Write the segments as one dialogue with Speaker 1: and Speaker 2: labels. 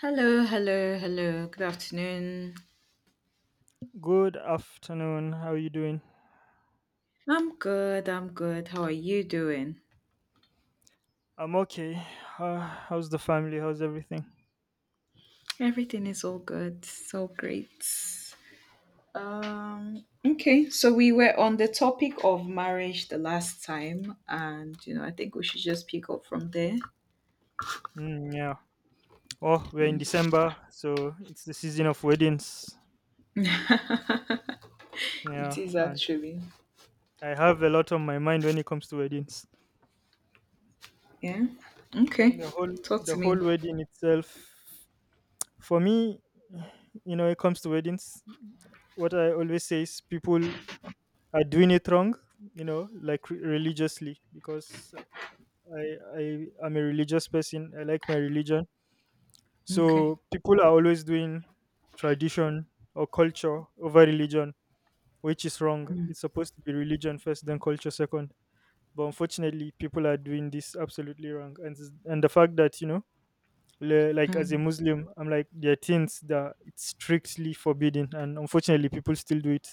Speaker 1: Hello, hello, hello. Good afternoon.
Speaker 2: Good afternoon. How are you doing?
Speaker 1: I'm good. I'm good. How are you doing?
Speaker 2: I'm okay. How's the family? How's everything?
Speaker 1: Everything is all good. So great. Okay, so we were on the topic of marriage the last time and you know, I think we should just pick up from there.
Speaker 2: Mm, yeah. Oh, we're in
Speaker 1: Yeah.
Speaker 2: December, so it's the season of weddings. Yeah,
Speaker 1: It is
Speaker 2: and
Speaker 1: actually.
Speaker 2: I have a lot on my mind when it comes to weddings.
Speaker 1: Yeah. Okay.
Speaker 2: The whole
Speaker 1: Talk
Speaker 2: the
Speaker 1: to me.
Speaker 2: whole wedding itself. For me, you know, it comes to weddings. What I always say is people are doing it wrong. You know, like religiously, because I I am a religious person. I like my religion.
Speaker 1: Okay.
Speaker 2: So people are always doing tradition or culture over religion, which is wrong. It's supposed to be religion first, then culture second. But unfortunately, people are doing this absolutely wrong. And the fact that you know, like as a
Speaker 1: Mm.
Speaker 2: Muslim, I'm like there are things that it's strictly forbidden, and unfortunately, people still do it,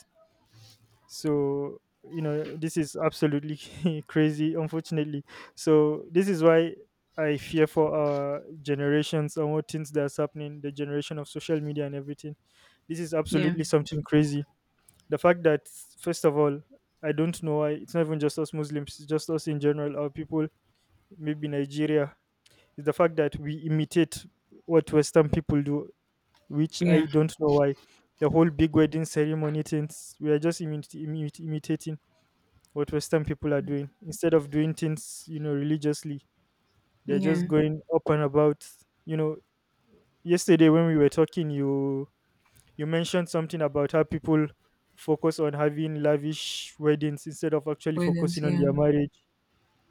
Speaker 2: so you know this is absolutely crazy, unfortunately. So this is why I fear for our generations and what things that's happening, the generation of social media and everything. This is
Speaker 1: Yeah.
Speaker 2: absolutely something crazy. The fact that, first of all, I don't know why, it's not even just us Muslims, it's just us in general, our people, maybe Nigeria, is the fact that we imitate what Western people do, which I
Speaker 1: Yeah.
Speaker 2: don't know why. The whole big wedding ceremony things, we are just imitating what Western people are doing instead of doing things, you know, religiously. They're just
Speaker 1: Yeah.
Speaker 2: going up and about, you know. Yesterday when we were talking, you mentioned something about how people focus on having lavish weddings instead of actually
Speaker 1: Weddings,
Speaker 2: focusing on
Speaker 1: yeah.
Speaker 2: their marriage.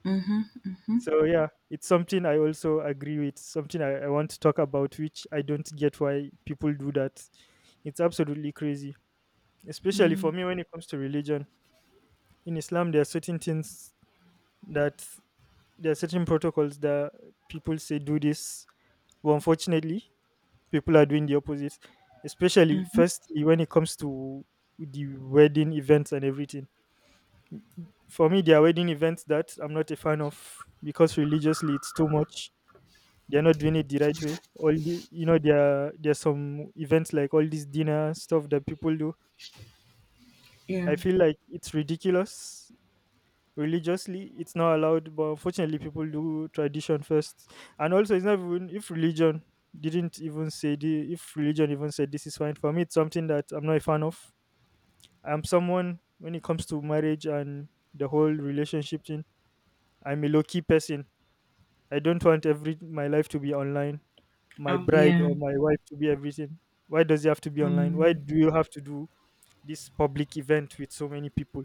Speaker 1: Mhm.
Speaker 2: So yeah, it's something I also agree with, something I want to talk about, which I don't get why people do that. It's absolutely crazy, especially for
Speaker 1: Mm.
Speaker 2: me when it comes to religion. In Islam there are certain things that, there are certain protocols that people say do this, but unfortunately people are doing the opposite, especially firstly when it comes to the wedding events and everything. For me there are wedding events that I'm not a fan of because religiously it's too much. They're not doing it the right way. All the, you know, there are, there's some events like all these dinner stuff that people do,
Speaker 1: Yeah.
Speaker 2: I feel like it's ridiculous. Religiously it's not allowed, but unfortunately people do tradition first. And also, it's not even if religion didn't even say the, if religion even said this is fine, for me it's something that I'm not a fan of. I'm someone, when it comes to marriage and the whole relationship thing, I'm a low-key person. I don't want every my life to be online, my
Speaker 1: Oh,
Speaker 2: bride
Speaker 1: yeah.
Speaker 2: or my wife to be everything. Why does it have to be online? Why
Speaker 1: Mm-hmm.
Speaker 2: do you have to do this public event with so many people?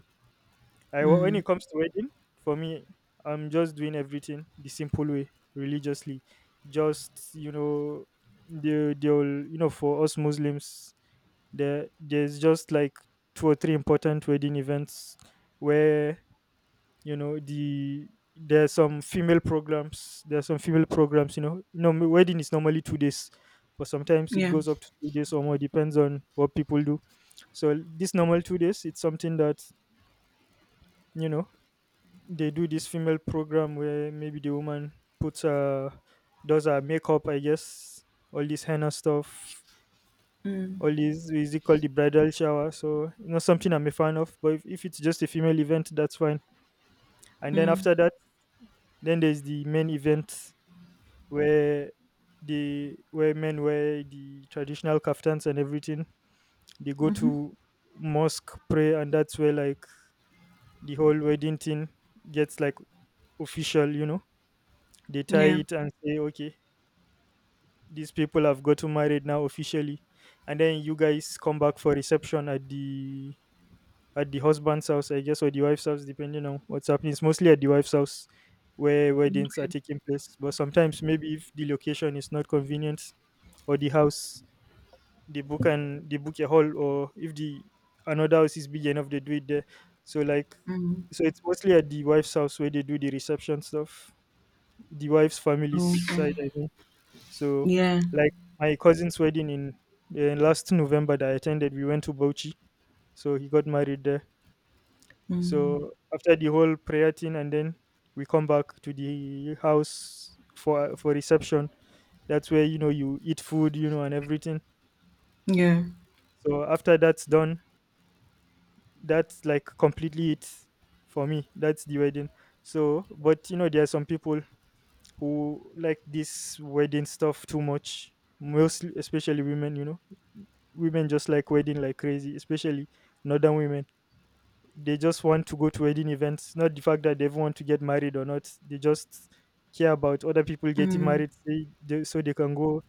Speaker 2: When it
Speaker 1: Mm.
Speaker 2: comes to wedding, for me, I'm just doing everything the simple way, religiously. Just you know, the whole, you know, for us Muslims, there's just like two or three important wedding events where, you know, the, there's some female programs. There's some female programs. You know, no wedding is normally 2 days, but sometimes it
Speaker 1: Yeah.
Speaker 2: goes up to 3 days or more, depends on what people do. So this normal 2 days, it's something that, you know, they do this female program where maybe the woman puts does her makeup, I guess, all this henna stuff,
Speaker 1: Mm,
Speaker 2: all these, is it called the bridal shower? So, not something I'm a fan of, but if it's just a female event, that's fine. And then
Speaker 1: mm,
Speaker 2: after that, then there's the main event where the, where men wear the traditional kaftans and everything. They go to mosque, pray, and that's where like the whole wedding thing gets like official, you know. They tie
Speaker 1: yeah.
Speaker 2: it and say okay, these people have gotten married now officially. And then you guys come back for reception at the, at the husband's house I guess, or the wife's house, depending on what's happening. It's mostly at the wife's house where weddings are
Speaker 1: Okay.
Speaker 2: taking place. But sometimes, maybe if the location is not convenient or the house, they book, and they book a hall, or if the another house is big enough they do it there. So like,
Speaker 1: Mm.
Speaker 2: so it's mostly at the wife's house where they do the reception stuff, the wife's family's
Speaker 1: Oh,
Speaker 2: side
Speaker 1: okay.
Speaker 2: I mean. So,
Speaker 1: Yeah.
Speaker 2: like my cousin's wedding in last November that I attended, we went to Bauchi. So he got married there.
Speaker 1: Mm,
Speaker 2: So after the whole prayer thing, and then we come back to the house for reception. That's where, you know, you eat food, you know, and everything.
Speaker 1: yeah.
Speaker 2: So after that's done, that's like completely it for me. That's the wedding. So, but you know, there are some people who like this wedding stuff too much, mostly especially women, you know. Women just like wedding like crazy, especially northern women. They just want to go to wedding events, not the fact that they even want to get married or not. They just care about other people getting
Speaker 1: Mm,
Speaker 2: married, so they can go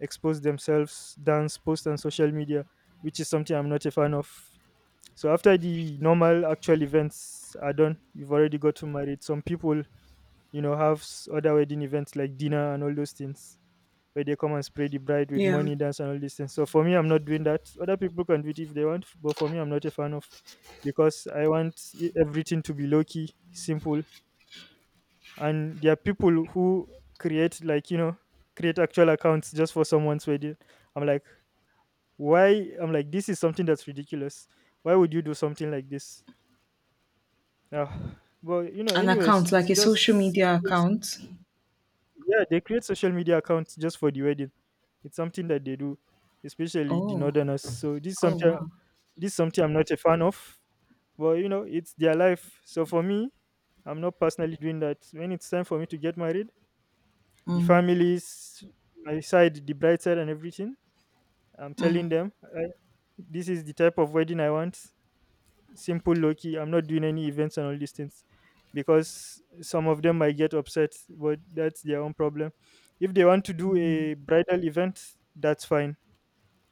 Speaker 2: expose themselves, dance, post on social media, which is something I'm not a fan of. So after the normal actual events are done, you've already gotten married. Some people, you know, have other wedding events like dinner and all those things where they come and spray the bride with
Speaker 1: yeah.
Speaker 2: money, dance, and all these things. So for me, I'm not doing that. Other people can do it if they want, but for me, I'm not a fan of, because I want everything to be low key, simple. And there are people who create, like, you know, create actual accounts just for someone's wedding. I'm like, why? I'm like, this is something that's ridiculous. Why would you do something like this? Yeah. But you know,
Speaker 1: An
Speaker 2: anyways,
Speaker 1: account,
Speaker 2: it's
Speaker 1: like a social
Speaker 2: just
Speaker 1: media
Speaker 2: people.
Speaker 1: account.
Speaker 2: Yeah, they create social media accounts just for the wedding. It's something that they do, especially the
Speaker 1: Oh.
Speaker 2: northerners. So this is
Speaker 1: Oh,
Speaker 2: something,
Speaker 1: wow.
Speaker 2: this is something I'm not a fan of. But you know, it's their life. So for me, I'm not personally doing that. When it's time for me to get married, the
Speaker 1: Mm,
Speaker 2: families, my side, the bride side and everything, I'm telling
Speaker 1: mm,
Speaker 2: them I, this is the type of wedding I want. Simple, low key. I'm not doing any events and all these things, because some of them might get upset, but that's their own problem. If they want to do a bridal event, that's fine,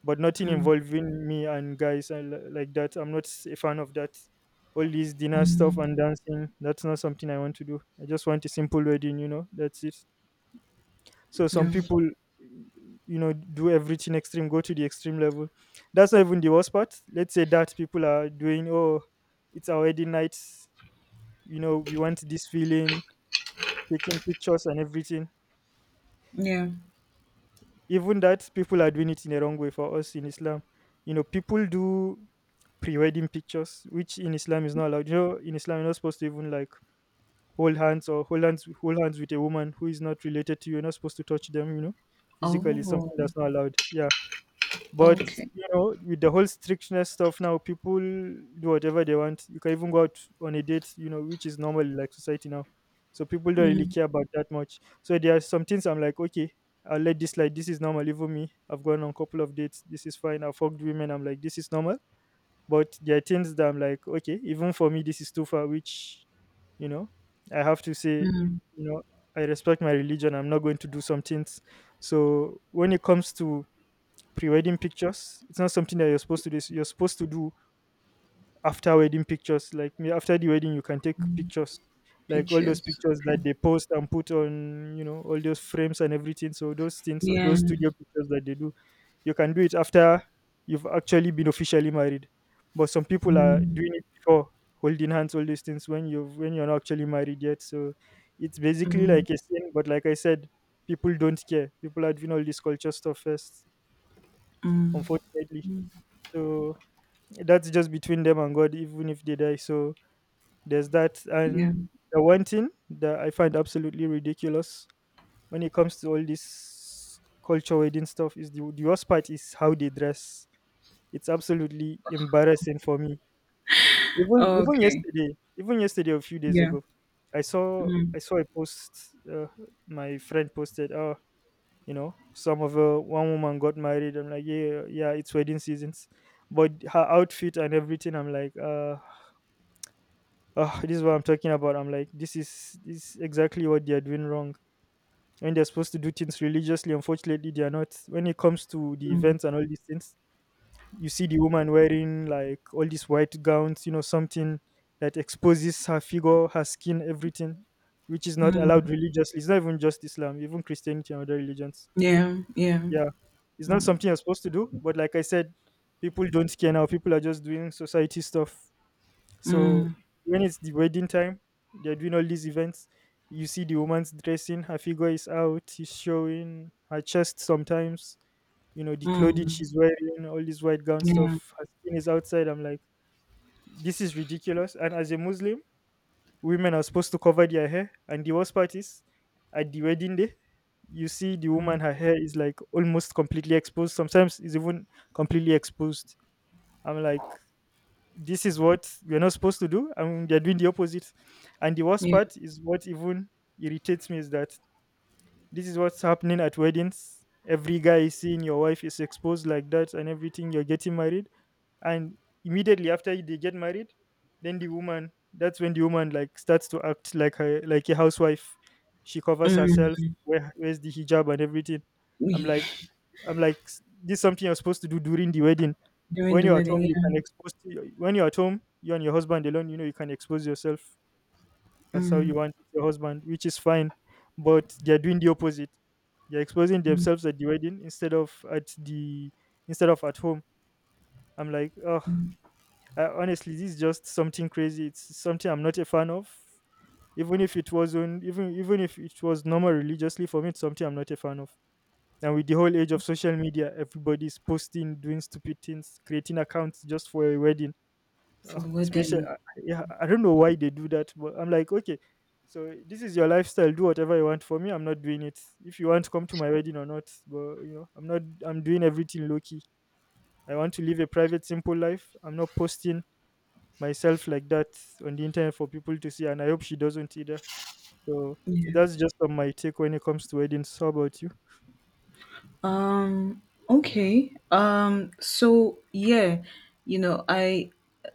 Speaker 2: but nothing involving me and guys and like that. I'm not a fan of that. All these dinner stuff and dancing, that's not something I want to do. I just want a simple wedding, you know, that's it. So some
Speaker 1: yeah.
Speaker 2: people, you know, do everything extreme, go to the extreme level. That's not even the worst part. Let's say that people are doing, oh, it's our wedding night, you know, we want this feeling, taking pictures and everything.
Speaker 1: Yeah.
Speaker 2: Even that, people are doing it in a wrong way for us in Islam. You know, people do pre-wedding pictures, which in Islam is not allowed. You know, in Islam, you're not supposed to even like hold hands, or hold hands with a woman who is not related to you. You're not supposed to touch them, you know, physically,
Speaker 1: Oh,
Speaker 2: something that's not allowed. Yeah. But
Speaker 1: okay.
Speaker 2: you know, with the whole strictness stuff now, people do whatever they want. You can even go out on a date, you know, which is normal in, like, society now. So people don't really
Speaker 1: Mm,
Speaker 2: care about that much. So there are some things I'm like, okay, I'll let this, like, this is normal. Even me, I've gone on a couple of dates. This is fine. I've fucked women. I'm like, this is normal. But there are things that I'm like, okay, even for me, this is too far. Which, you know, I have to say,
Speaker 1: mm,
Speaker 2: you know, I respect my religion. I'm not going to do some things. So when it comes to pre-wedding pictures, it's not something that you're supposed to do. You're supposed to do after wedding pictures. Like, after the wedding, you can take pictures, like all those
Speaker 1: pictures.
Speaker 2: pictures
Speaker 1: Okay.
Speaker 2: that they post and put on, you know, all those frames and everything. So those things, so
Speaker 1: Yeah.
Speaker 2: those studio pictures that they do, you can do it after you've actually been officially married. But some people are
Speaker 1: Mm,
Speaker 2: doing it before, holding hands, all these things when you're not actually married yet. So it's basically
Speaker 1: mm,
Speaker 2: like a sin. But like I said, people don't care. People are doing all this culture stuff first,
Speaker 1: mm,
Speaker 2: unfortunately. So that's just between them and God, even if they die. So there's that. And
Speaker 1: yeah.
Speaker 2: the one thing that I find absolutely ridiculous when it comes to all this culture wedding stuff is the worst part is how they dress. It's absolutely embarrassing for me. Even
Speaker 1: Okay.
Speaker 2: yesterday, even yesterday, a few days
Speaker 1: Yeah.
Speaker 2: ago, I saw
Speaker 1: Mm,
Speaker 2: I saw a post uh, my friend posted. Oh, you know some of one woman got married, I'm like, yeah, yeah, it's wedding seasons, but her outfit and everything, I'm like, this is what I'm talking about. I'm like, this is exactly what they are doing wrong, when they're supposed to do things religiously, unfortunately they are not when it comes to the
Speaker 1: mm,
Speaker 2: events and all these things. You see the woman wearing like all these white gowns, you know, something that exposes her figure, her skin, everything, which is not allowed religiously. It's not even just Islam, even Christianity and other religions.
Speaker 1: yeah. Yeah.
Speaker 2: Yeah, it's not something you're supposed to do, but like I said, people don't care now. People are just doing society stuff. So
Speaker 1: Mm,
Speaker 2: when it's the wedding time, they're doing all these events. You see the woman's dressing, her figure is out, is showing her chest sometimes. You know the clothing
Speaker 1: mm,
Speaker 2: she's wearing, all this white gown
Speaker 1: yeah.
Speaker 2: stuff. Her skin is outside. I'm like, this is ridiculous. And as a Muslim, women are supposed to cover their hair. And the worst part is, at the wedding day, you see the woman,
Speaker 1: Mm,
Speaker 2: her hair is like almost completely exposed. Sometimes it's even completely exposed. I'm like, this is what we're not supposed to do, and they're doing the opposite. And the worst
Speaker 1: yeah.
Speaker 2: part is what even irritates me is that this is what's happening at weddings. Every guy is seeing your wife is exposed like that, and everything. You're getting married, and immediately after they get married, then the woman that's when the woman like starts to act like a housewife. She covers
Speaker 1: Mm.
Speaker 2: herself, wears the hijab and everything. I'm
Speaker 1: We
Speaker 2: like, I'm like, "S- this is something you're supposed to do during the wedding.
Speaker 1: during
Speaker 2: When
Speaker 1: the
Speaker 2: you're at
Speaker 1: wedding,
Speaker 2: home you can
Speaker 1: yeah.
Speaker 2: expose to your- When you're at home, you and your husband alone, you know, you can expose yourself as how you
Speaker 1: Mm.
Speaker 2: want your husband, which is fine. But they're doing the opposite. They're exposing themselves at the wedding instead of at home. I'm like, oh, honestly, this is just something crazy. It's something I'm not a fan of. Even if it wasn't, even if it was normal religiously, for me, it's something I'm not a fan of. And with the whole age of social media, everybody's posting, doing stupid things, creating accounts just for a wedding. Uh,
Speaker 1: For the
Speaker 2: especially,
Speaker 1: wedding.
Speaker 2: I, yeah, I don't know why they do that, but I'm like, okay, so this is your lifestyle. Do whatever you want. For me, I'm not doing it. If you want to come to my wedding or not, but you know, I'm not. I'm doing everything low key. I want to live a private, simple life. I'm not posting myself like that on the internet for people to see, and I hope she doesn't either. So
Speaker 1: Yeah.
Speaker 2: that's just on my take when it comes to weddings. How about you?
Speaker 1: Um okay. So yeah, you know, I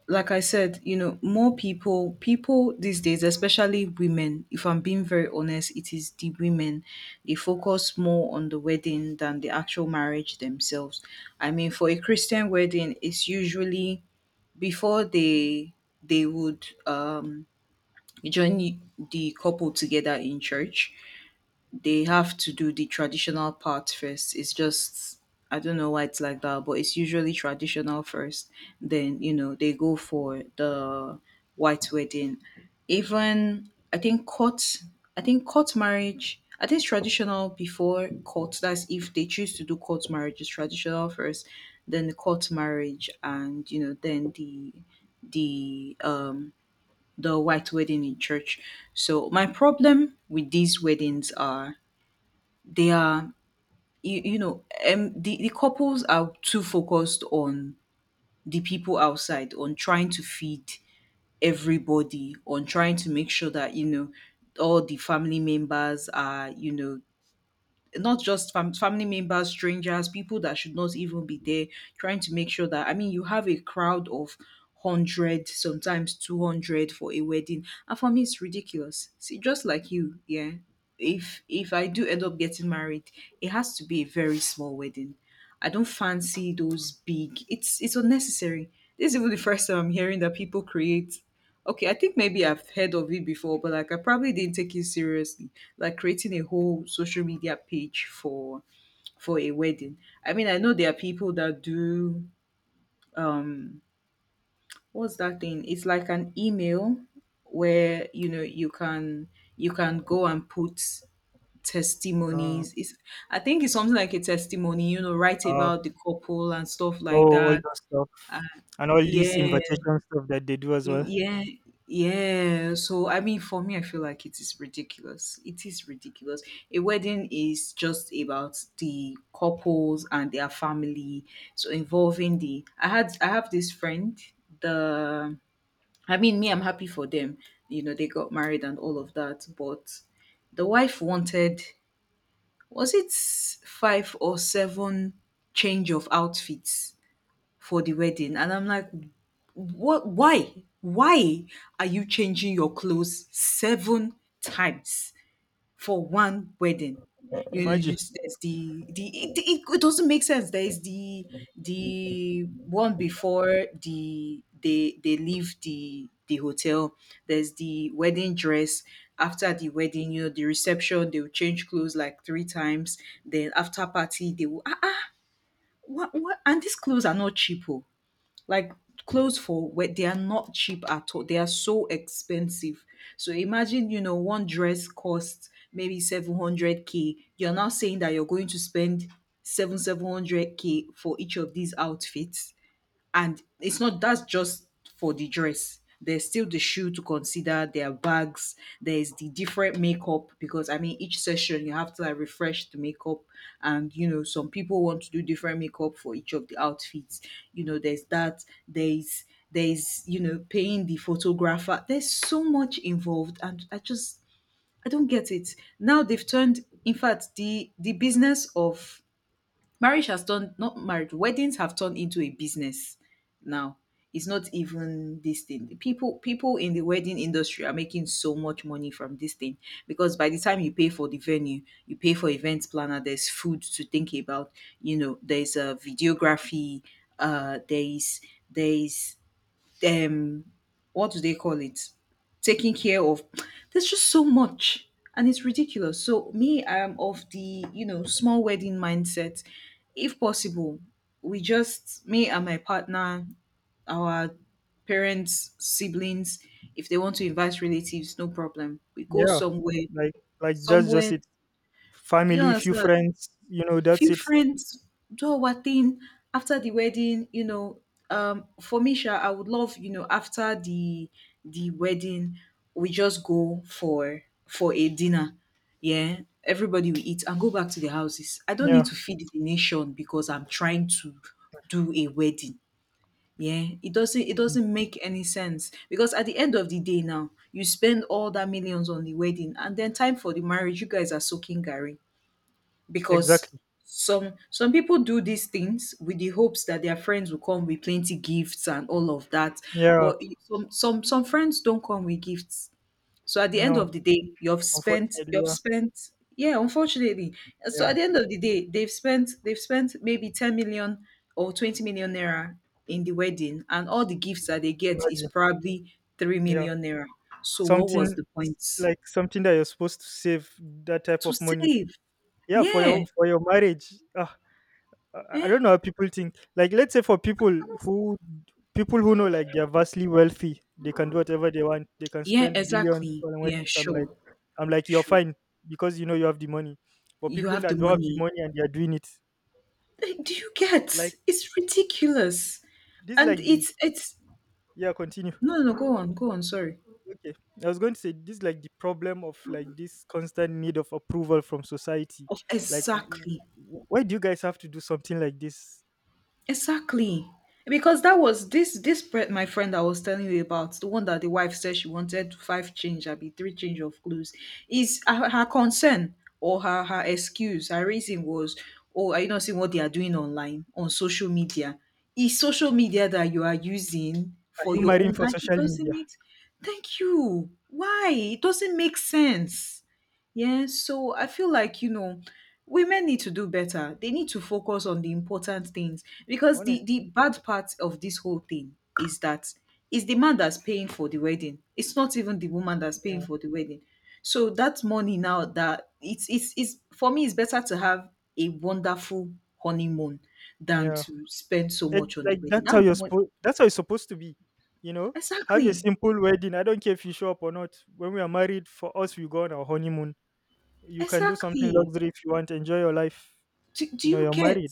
Speaker 1: like I said, you know, more people these days, especially women, if I'm being very honest, it is the women. They focus more on the wedding than the actual marriage themselves. I mean, for a Christian wedding, it's usually before they they would you join the couple together in church. They have to do the traditional part first. It's just I don't know why it's like that, but it's usually traditional first. Then, you know, they go for the white wedding. Even I think court, I think court marriage, I think it's traditional before court. That's if they choose to do court marriage, it's traditional first, then the court marriage, and you know, then the um the white wedding in church. So my problem with these weddings are they are you know the couples are too focused on the people outside, on trying to feed everybody, on trying to make sure that you know all the family members are you know not just family members, strangers, people that should not even be there, trying to make sure that, I mean, you have a crowd of 100, sometimes 200 for a wedding. And for me, it's ridiculous. See, just like you, yeah. If I do end up getting married, it has to be a very small wedding. I don't fancy those big. It's unnecessary. This is even the first time I'm hearing that people create. Okay, I think maybe I've heard of it before, but like I probably didn't take it seriously. Like creating a whole social media page for a wedding. I mean, I know there are people that do um what's that thing? It's like an email where you know you can go and put
Speaker 2: Uh,
Speaker 1: testimonies. It's I think it's something like a testimony, you know, write
Speaker 2: uh,
Speaker 1: about the couple and stuff like
Speaker 2: oh, all
Speaker 1: that.
Speaker 2: that stuff and all these
Speaker 1: Yeah.
Speaker 2: invitation stuff that they do as
Speaker 1: You-
Speaker 2: well.
Speaker 1: Yeah, yeah. So I mean, for me, I feel like it is ridiculous. It is ridiculous. A wedding is just about the couples and their family. So involving the, I have this friend. The, I mean, me, I'm happy for them. You know, they got married and all of that. But the wife wanted, was it five or seven change of outfits for the wedding? And I'm like, what? Why? Why are you changing your clothes seven times for one wedding? You know,
Speaker 2: Imagine,
Speaker 1: just there's the it doesn't make sense. There is the one before the they leave the hotel. There's the wedding dress. After the wedding, you know, the reception, they will change clothes like three times. Then after party, they will ah, ah what, what? And these clothes are not cheap. Oh, like clothes for where, they are not cheap at all, they are so expensive. So imagine you know one dress costs maybe 700k. You're now saying that you're going to spend 7 700k for each of these outfits. And it's not, that's just for the dress. There's still the shoe to consider, there are bags, there's the different makeup, because I mean each session you have to like refresh the makeup, and you know some people want to do different makeup for each of the outfits. You know, there's that, there's you know paying the photographer. There's so much involved, and I just I don't get it. Now they've turned, in fact, the business of marriage has turned, not marriage, weddings have turned into a business now. It's not even this thing. People in the wedding industry are making so much money from this thing, because by the time you pay for the venue, you pay for events planner, there's food to think about, you know, there's a videography, uh there's there's um what do they call it, taking care of, there's just so much. And it's ridiculous. So me, I am of the you know small wedding mindset. If possible, we just me and my partner, our parents, siblings, if they want to invite relatives, no problem, we go
Speaker 2: yeah,
Speaker 1: somewhere.
Speaker 2: like, that's just
Speaker 1: Somewhere,
Speaker 2: it.
Speaker 1: do you
Speaker 2: Family, few
Speaker 1: understand,
Speaker 2: friends, you know, that's
Speaker 1: few
Speaker 2: it.
Speaker 1: friends, do our thing after the wedding, you know. For me sha, I would love, you know, after the wedding, we just go for a dinner. Yeah, everybody will eat and go back to the houses. I don't need
Speaker 2: Yeah.
Speaker 1: to feed the nation because I'm trying to do a wedding. Yeah, it doesn't, it
Speaker 2: Mm.
Speaker 1: doesn't make any sense, because at the end of the day now you spend all that millions on the wedding, and then time for the marriage you guys are soaking gary. Because
Speaker 2: Exactly.
Speaker 1: some people do these things with the hopes that their friends will come with plenty gifts and all of that,
Speaker 2: Yeah.
Speaker 1: but I- some friends don't come with gifts. So at the end
Speaker 2: No.
Speaker 1: of the day you've spent
Speaker 2: Unfortunately,
Speaker 1: you've
Speaker 2: yeah,
Speaker 1: spent yeah, unfortunately. So
Speaker 2: yeah.
Speaker 1: at the end of the day they've spent maybe 10 million or 20 million naira in the wedding, and all the gifts that they get is
Speaker 2: Imagine,
Speaker 1: probably 3
Speaker 2: yeah,
Speaker 1: million naira. So what
Speaker 2: something
Speaker 1: was the
Speaker 2: s-
Speaker 1: point?
Speaker 2: like something that you're supposed to save, that type
Speaker 1: To
Speaker 2: of money.
Speaker 1: save.
Speaker 2: Yeah,
Speaker 1: Yeah,
Speaker 2: for your marriage. Ah, I don't
Speaker 1: eh.
Speaker 2: know how people think. Like, let's say for who people who know, like, they're vastly wealthy, they can do whatever they want. They can
Speaker 1: Yeah,
Speaker 2: spend billions
Speaker 1: exactly.
Speaker 2: on
Speaker 1: Yeah,
Speaker 2: weddings.
Speaker 1: sure.
Speaker 2: I'm like, you're
Speaker 1: Sure.
Speaker 2: fine because you know you have the money. But
Speaker 1: You
Speaker 2: people
Speaker 1: have the
Speaker 2: that don't have the
Speaker 1: money.
Speaker 2: money and they are doing it,
Speaker 1: Like, do you
Speaker 2: like,
Speaker 1: get? It's ridiculous.
Speaker 2: this,
Speaker 1: And
Speaker 2: like the
Speaker 1: it's
Speaker 2: yeah, continue.
Speaker 1: no no no, go on, go on, sorry.
Speaker 2: Okay, I was going to say this, like, the problem of like this constant need of approval from society.
Speaker 1: Of
Speaker 2: Like,
Speaker 1: exactly.
Speaker 2: why do you guys have to do something like this?
Speaker 1: Exactly. Because that was this this friend, my friend I was telling you about, the one that the wife said she wanted five change, I be three change of clothes, is her concern or her her excuse, her reason was, oh, are you not seeing what they are doing online on social media? Is social media that you are using
Speaker 2: Are
Speaker 1: for
Speaker 2: you
Speaker 1: your
Speaker 2: marrying
Speaker 1: own,
Speaker 2: for
Speaker 1: like it
Speaker 2: social
Speaker 1: doesn't
Speaker 2: media?
Speaker 1: make thank you. Why? It doesn't make sense. Yeah, so I feel like, you know, women need to do better. They need to focus on the important things, because
Speaker 2: Honestly,
Speaker 1: the bad part of this whole thing is that it's the man that's paying for the wedding. It's not even the woman that's paying
Speaker 2: yeah,
Speaker 1: for the wedding. So that money now, that it's for me it's better to have a wonderful honeymoon than
Speaker 2: yeah.
Speaker 1: to spend so
Speaker 2: It,
Speaker 1: much on
Speaker 2: like,
Speaker 1: the wedding.
Speaker 2: that's
Speaker 1: That
Speaker 2: how you're
Speaker 1: mon-
Speaker 2: supposed. That's how it's supposed to be. You know, have a
Speaker 1: exactly.
Speaker 2: simple wedding. I don't care if you show up or not. When we are married, for us, we go on our honeymoon. You can do something
Speaker 1: Exactly.
Speaker 2: luxury if you want. Enjoy your life.
Speaker 1: Do
Speaker 2: You know,
Speaker 1: you
Speaker 2: you're
Speaker 1: get?
Speaker 2: married.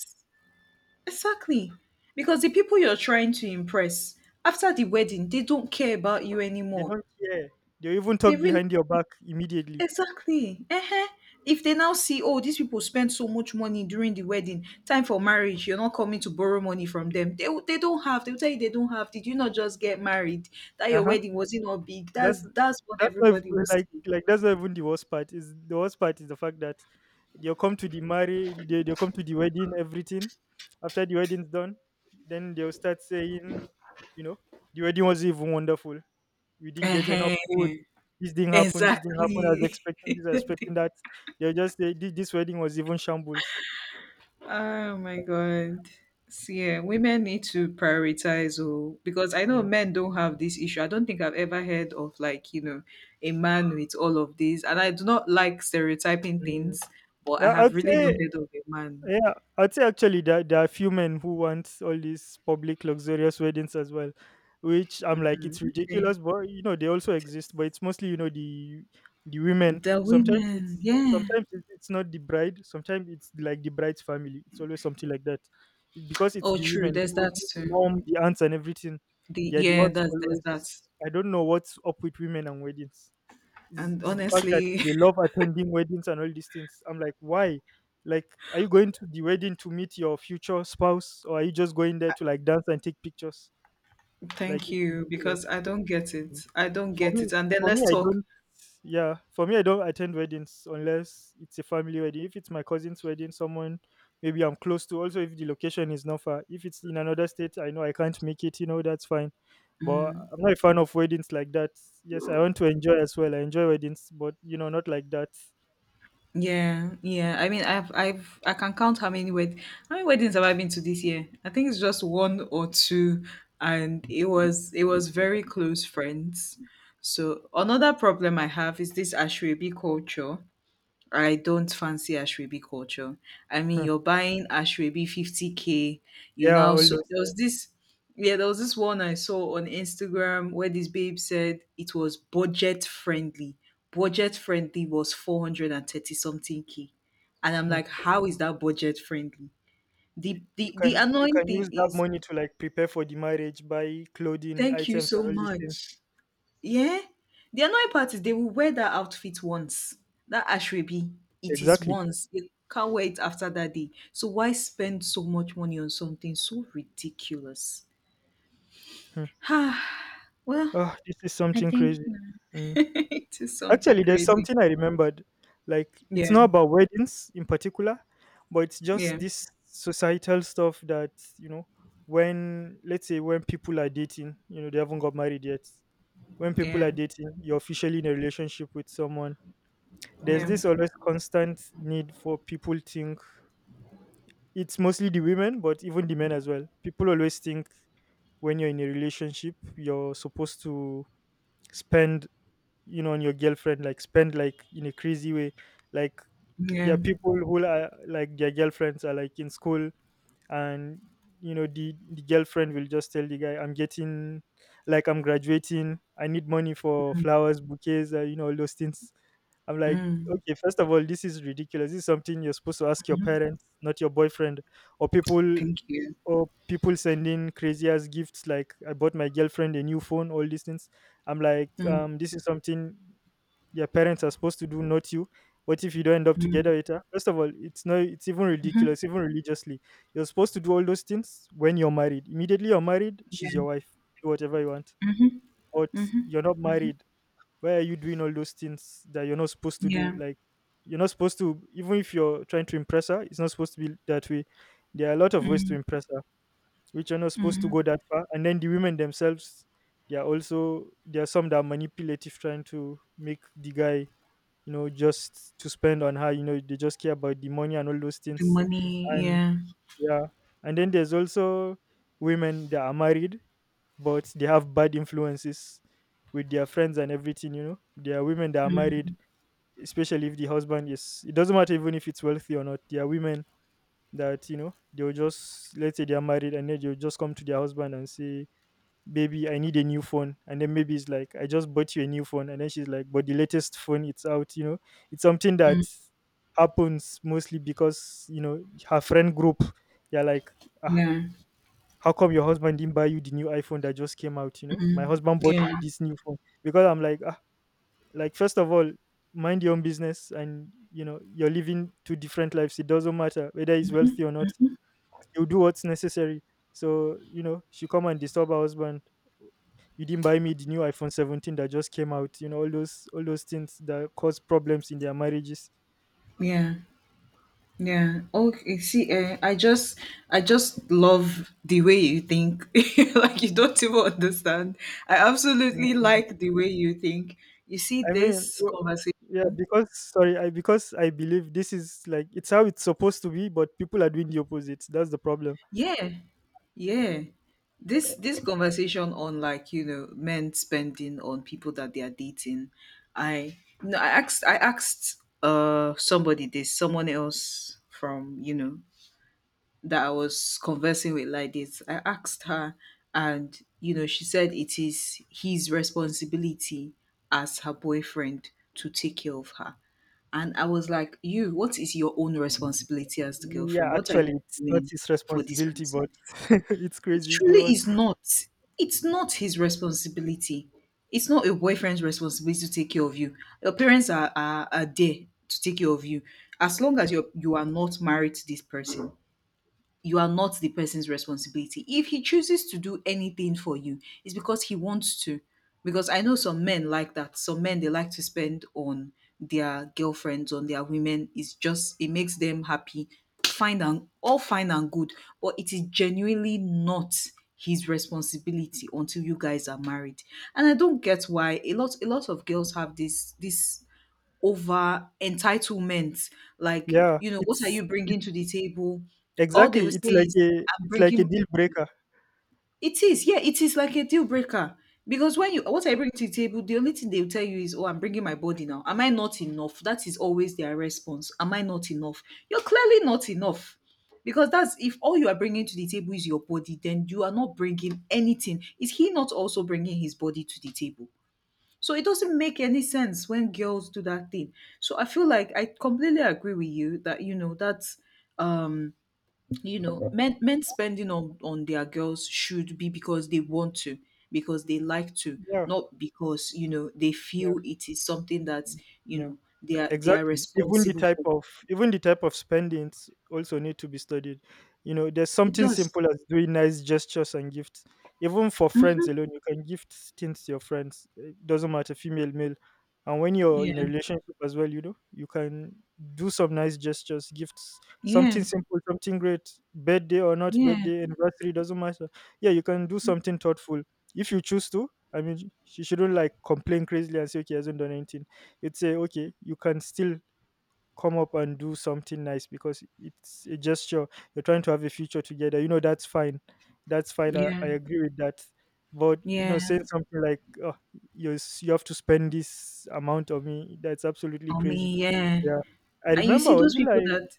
Speaker 1: Exactly. Because the people you're trying to impress after the wedding, they don't care about you
Speaker 2: They
Speaker 1: anymore.
Speaker 2: don't care. They even
Speaker 1: They
Speaker 2: talk
Speaker 1: really
Speaker 2: behind your back immediately.
Speaker 1: exactly. Uh, if they now see, oh, these people spent so much money during the wedding, time for marriage, you're not coming to borrow money from them. They will- they don't have. They'll tell you they don't have. Did you not just get married? That your
Speaker 2: Uh-huh.
Speaker 1: wedding wasn't all big. That's
Speaker 2: That's
Speaker 1: that's what
Speaker 2: that's not
Speaker 1: everybody
Speaker 2: even,
Speaker 1: will
Speaker 2: like
Speaker 1: see.
Speaker 2: like that's not even the worst part. Is the worst part is the fact that they'll come to the marriage, they'll come to the wedding, everything. After the wedding's done, then they'll start saying, you know, the wedding was even wonderful, we didn't get enough
Speaker 1: Uh,
Speaker 2: food. This thing happened. This thing happened. I was
Speaker 1: exactly.
Speaker 2: expecting this. I was expecting that. They're just this wedding was even shambles.
Speaker 1: Oh my God. So, yeah, women need to prioritize oh, because I
Speaker 2: Mm,
Speaker 1: know
Speaker 2: mm.
Speaker 1: men don't have this issue. I don't think I've ever heard of like, you know, a man with all of this. And I do not like stereotyping
Speaker 2: Mm.
Speaker 1: things, but I
Speaker 2: Yeah,
Speaker 1: have
Speaker 2: I'd
Speaker 1: really not
Speaker 2: say,
Speaker 1: heard of a man.
Speaker 2: yeah, I'd say actually there are a few men who want all these public luxurious weddings as well, which I'm like, it's
Speaker 1: Okay.
Speaker 2: ridiculous, but you know they also exist. But it's mostly you know the women.
Speaker 1: The
Speaker 2: Sometimes
Speaker 1: women,
Speaker 2: it's
Speaker 1: yeah.
Speaker 2: it's not the bride. Sometimes it's like the bride's family. It's always something like that. Because it's
Speaker 1: Oh
Speaker 2: the
Speaker 1: true,
Speaker 2: women. It's
Speaker 1: there's that
Speaker 2: mostly the
Speaker 1: too.
Speaker 2: mom, the aunts, and everything.
Speaker 1: The
Speaker 2: They are the
Speaker 1: yeah,
Speaker 2: ones
Speaker 1: that's
Speaker 2: who
Speaker 1: there's
Speaker 2: always.
Speaker 1: that.
Speaker 2: I don't know what's up with women and weddings, is,
Speaker 1: And
Speaker 2: is the fact that
Speaker 1: honestly,
Speaker 2: they love attending weddings and all these things. I'm like, why? Like, are you going to the wedding to meet your future spouse, or are you just going there to like dance and take pictures? Like,
Speaker 1: thank
Speaker 2: it's
Speaker 1: you
Speaker 2: ridiculous.
Speaker 1: because I don't get it. I don't
Speaker 2: For
Speaker 1: get
Speaker 2: me,
Speaker 1: it. And then
Speaker 2: for me,
Speaker 1: let's
Speaker 2: I
Speaker 1: talk.
Speaker 2: don't. Yeah, for me, I don't attend weddings unless it's a family wedding. If it's my cousin's wedding, someone maybe I'm close to. Also, if the location is not far, if it's in another state, I know I can't make it. You know, that's fine. But I'm not a fan of weddings like that. Yes, I want to enjoy as well. I enjoy weddings, but you know, not like that.
Speaker 1: Yeah, yeah. I mean, I can count how many wed, how many weddings have I been to this year? I think it's just one or two, and it was very close friends. So another problem I have is this Ashwebi culture. I don't fancy Ashwebi culture. I mean,
Speaker 2: Hmm.
Speaker 1: you're buying Ashwebi 50k. You
Speaker 2: Yeah,
Speaker 1: now
Speaker 2: all
Speaker 1: so
Speaker 2: those,
Speaker 1: there was
Speaker 2: yes.
Speaker 1: this yeah, there was this one I saw on Instagram where this babe said it was budget friendly. Budget friendly was 430 something k. And I'm
Speaker 2: Hmm.
Speaker 1: like, how is that budget friendly?
Speaker 2: You, you
Speaker 1: The
Speaker 2: can
Speaker 1: annoying thing
Speaker 2: use that
Speaker 1: is
Speaker 2: money to like prepare for the marriage, buy clothing
Speaker 1: thank you
Speaker 2: items and
Speaker 1: so
Speaker 2: all these things.
Speaker 1: much. Yeah. The annoying part is they will wear that outfit once. That ashrebi, it is
Speaker 2: Exactly.
Speaker 1: once. They can't wear it after that day. So why spend so much money on something so ridiculous?
Speaker 2: Hmm.
Speaker 1: Ah, well,
Speaker 2: Oh, this is
Speaker 1: I
Speaker 2: something
Speaker 1: think you
Speaker 2: crazy.
Speaker 1: know,
Speaker 2: Mm.
Speaker 1: it is something
Speaker 2: Actually, there's
Speaker 1: crazy.
Speaker 2: something I remembered. Like, it's
Speaker 1: Yeah,
Speaker 2: not about weddings in particular, but it's just
Speaker 1: yeah,
Speaker 2: this societal stuff that, you know, when, let's say, when people are dating, you know, they haven't got married yet. When people
Speaker 1: yeah,
Speaker 2: are dating, you're officially in a relationship with someone. There's
Speaker 1: yeah,
Speaker 2: this always constant need for people think, it's mostly the women, but even the men as well. People always think when you're in a relationship, you're supposed to spend, you know, on your girlfriend, like spend like in a crazy way. Like, there
Speaker 1: yeah.
Speaker 2: are people who are like their girlfriends are like in school, and you know the girlfriend will just tell the guy, I'm getting, like, I'm graduating, I need money for flowers, bouquets, you know, all those things. I'm like,
Speaker 1: Mm,
Speaker 2: okay, first of all, this is ridiculous. This is something you're supposed to ask your parents, not your boyfriend. or people
Speaker 1: thank you.
Speaker 2: or people sending crazy ass gifts, like, I bought my girlfriend a new phone, all these things. I'm like,
Speaker 1: Mm,
Speaker 2: this is something their parents are supposed to do, not you. What if you don't end up
Speaker 1: mm,
Speaker 2: together with her? First of all, it's no, it's even ridiculous, even religiously. You're supposed to do all those things when you're married. Immediately you're married, she's
Speaker 1: yeah,
Speaker 2: your wife. Do whatever you want. But
Speaker 1: mhm,
Speaker 2: you're not married. Why are you doing all those things that you're not supposed to do?
Speaker 1: yeah.
Speaker 2: Like, you're not supposed to, even if you're trying to impress her, it's not supposed to be that way. There are a lot of ways to impress her, which are not supposed to go that far. And then the women themselves, they are also, there are some that are manipulative, trying to make the guy, you know, just to spend on her. You know, they just care about the money and all those
Speaker 1: The
Speaker 2: things.
Speaker 1: money.
Speaker 2: And
Speaker 1: Yeah,
Speaker 2: yeah, and then there's also women that are married, but they have bad influences with their friends and everything. You know, there are women that are married, especially if the husband is. It doesn't matter even if it's wealthy or not. There are women that you know they'll just, let's say they are married, and then they'll just come to their husband and say, "Baby, I need a new phone." And then maybe it's like, "I just bought you a new phone." And then she's like, "But the latest phone, it's out, you know, it's something that happens." Mostly because, you know, her friend group, they're like, ah,
Speaker 1: yeah,
Speaker 2: "How come your husband didn't buy you the new iPhone that just came out? You know, my husband bought me
Speaker 1: yeah,
Speaker 2: this new phone." Because I'm like, like, first of all, mind your own business, and you know, you're living two different lives. It doesn't matter whether he's wealthy or not, he'll do what's necessary. So, you know, she come and disturb her husband. "You didn't buy me the new iPhone 17 that just came out." You know, all those things that cause problems in their marriages.
Speaker 1: yeah. Yeah. Oh, okay. See, I just love the way you think. Like you don't even understand. I absolutely
Speaker 2: Mm,
Speaker 1: like the way you think. You see
Speaker 2: I mean,
Speaker 1: this
Speaker 2: w-
Speaker 1: conversation.
Speaker 2: yeah, because, sorry, I because I believe this is like it's how it's supposed to be, but people are doing the opposite. That's the problem.
Speaker 1: Yeah. Yeah. This conversation on like you know men spending on people that they are dating. I no. I asked somebody this. Someone else from that I was conversing with like this. I asked her, and she said it is his responsibility as her boyfriend to take care of her. And I was like, you, what is your own responsibility as the
Speaker 2: Yeah,
Speaker 1: girlfriend? What are you
Speaker 2: actually, it's not
Speaker 1: doing
Speaker 2: his
Speaker 1: for this
Speaker 2: responsibility, but
Speaker 1: person?
Speaker 2: it's
Speaker 1: It
Speaker 2: crazy.
Speaker 1: truly
Speaker 2: Go on.
Speaker 1: is not. It's not his responsibility. It's not a boyfriend's responsibility to take care of you. Your parents are there to take care of you. As long as you are not married to this person, you are not the person's responsibility. If he chooses to do anything for you, it's because he wants to. Because I know some men like that. Some men, they like to spend on their girlfriends, on their women. It's just it makes them happy. Fine and all, fine and good. But it is genuinely not his responsibility until you guys are married. And I don't get why a lot of girls have this over entitlement. Like,
Speaker 2: Yeah,
Speaker 1: you know, what are
Speaker 2: it's
Speaker 1: you
Speaker 2: it,
Speaker 1: bringing to the table? All they will
Speaker 2: exactly.
Speaker 1: say
Speaker 2: It's like
Speaker 1: is,
Speaker 2: a,
Speaker 1: I'm
Speaker 2: it's like a
Speaker 1: bringing.
Speaker 2: deal breaker.
Speaker 1: It is, yeah, it is like a deal breaker. Because when you, what I bring to the table, the only thing they'll tell you is, oh, I'm bringing my body now. Am I not enough? That is always their response. Am I not enough? You're clearly not enough. Because that's, if all you are bringing to the table is your body, then you are not bringing anything. Is he not also bringing his body to the table? So it doesn't make any sense when girls do that thing. So I feel like I completely agree with you that you know that's um you know men spending on their girls should be because they want to, because they like to,
Speaker 2: Yeah,
Speaker 1: not because you know they
Speaker 2: yeah,
Speaker 1: feel it is something that you
Speaker 2: yeah.
Speaker 1: know they are
Speaker 2: Exactly.
Speaker 1: responsible for.
Speaker 2: Even the type of spendings also need to be studied. You know, there's
Speaker 1: It
Speaker 2: something
Speaker 1: does.
Speaker 2: simple as doing nice gestures and gifts. Even for friends alone, you can gift things to your friends. It doesn't matter, female, male. And when you're in a
Speaker 1: Yeah.
Speaker 2: relationship as well, you know, you can do some nice gestures, gifts,
Speaker 1: Yeah.
Speaker 2: something simple, something great, birthday or not
Speaker 1: Yeah.
Speaker 2: birthday, anniversary, doesn't matter. Yeah, you can do something thoughtful if you choose to. She shouldn't like complain crazily and say, "Okay, hasn't done anything." It's say, okay, you can still come up and do something nice because it's a gesture. You're trying to have a future together, you know, that's fine. That's fine.
Speaker 1: Yeah.
Speaker 2: I agree with that. But you know,
Speaker 1: Yeah.
Speaker 2: saying something like, "Oh, you have to spend this amount of me," that's absolutely
Speaker 1: I
Speaker 2: crazy.
Speaker 1: mean, yeah.
Speaker 2: Yeah, I
Speaker 1: And you
Speaker 2: remember I
Speaker 1: see
Speaker 2: was
Speaker 1: those
Speaker 2: it
Speaker 1: people
Speaker 2: like,
Speaker 1: that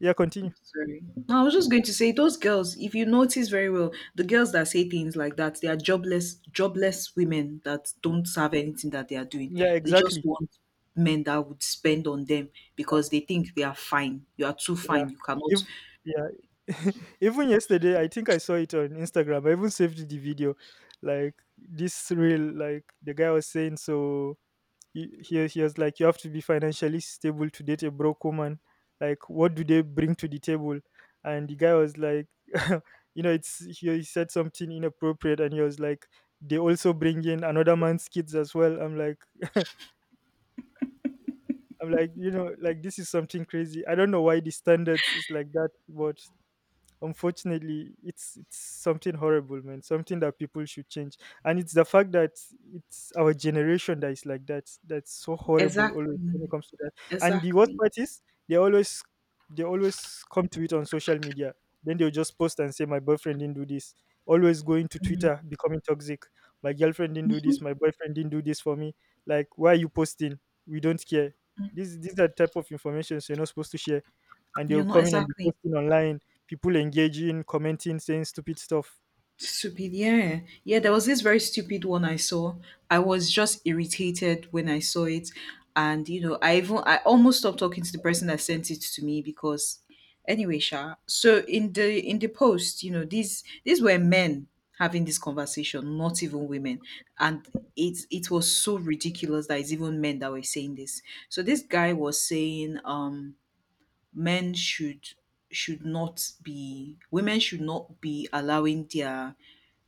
Speaker 2: yeah, continue.
Speaker 1: sorry. No, I was just going to say those girls, if you notice very well, the girls that say things like that, they are jobless, jobless women that don't serve anything that they are doing.
Speaker 2: Yeah,
Speaker 1: They just
Speaker 2: exactly.
Speaker 1: want men that would spend on them because they think they are fine. You are too
Speaker 2: Yeah,
Speaker 1: fine. You cannot.
Speaker 2: if yeah. Even yesterday, I think I saw it on Instagram. I even saved the video, like this real, like the guy was saying, so he was like, "You have to be financially stable to date a broke woman. Like, what do they bring to the table?" And the guy was like you know, it's, he said something inappropriate, and he was like, "They also bring in another man's kids as well." I'm like, I'm like, you know, like, this is something crazy. I don't know why the standards is like that. But unfortunately, it's something horrible, man. Something that people should change. And it's the fact that it's our generation that is like that. That's so horrible
Speaker 1: Exactly.
Speaker 2: always when it comes to that. And the worst
Speaker 1: Exactly.
Speaker 2: part is, they always, they always come to it on social media. Then they'll just post and say, "My boyfriend didn't do this." Always going to Twitter, becoming toxic. "My girlfriend didn't do this. My boyfriend didn't do this for me." Like, why are you posting? We don't care. These are type of information you're not supposed to share, and they'll
Speaker 1: You're not
Speaker 2: come in and be
Speaker 1: exactly.
Speaker 2: posting online. People engaging, commenting, saying stupid stuff.
Speaker 1: Stupid, yeah. Yeah, there was this very stupid one I saw. I was just irritated when I saw it. And you know, I even I almost stopped talking to the person that sent it to me because anyway, Sha. So in the post, you know, these were men having this conversation, not even women. And it was so ridiculous that it's even men that were saying this. So this guy was saying men should not be, women should not be allowing their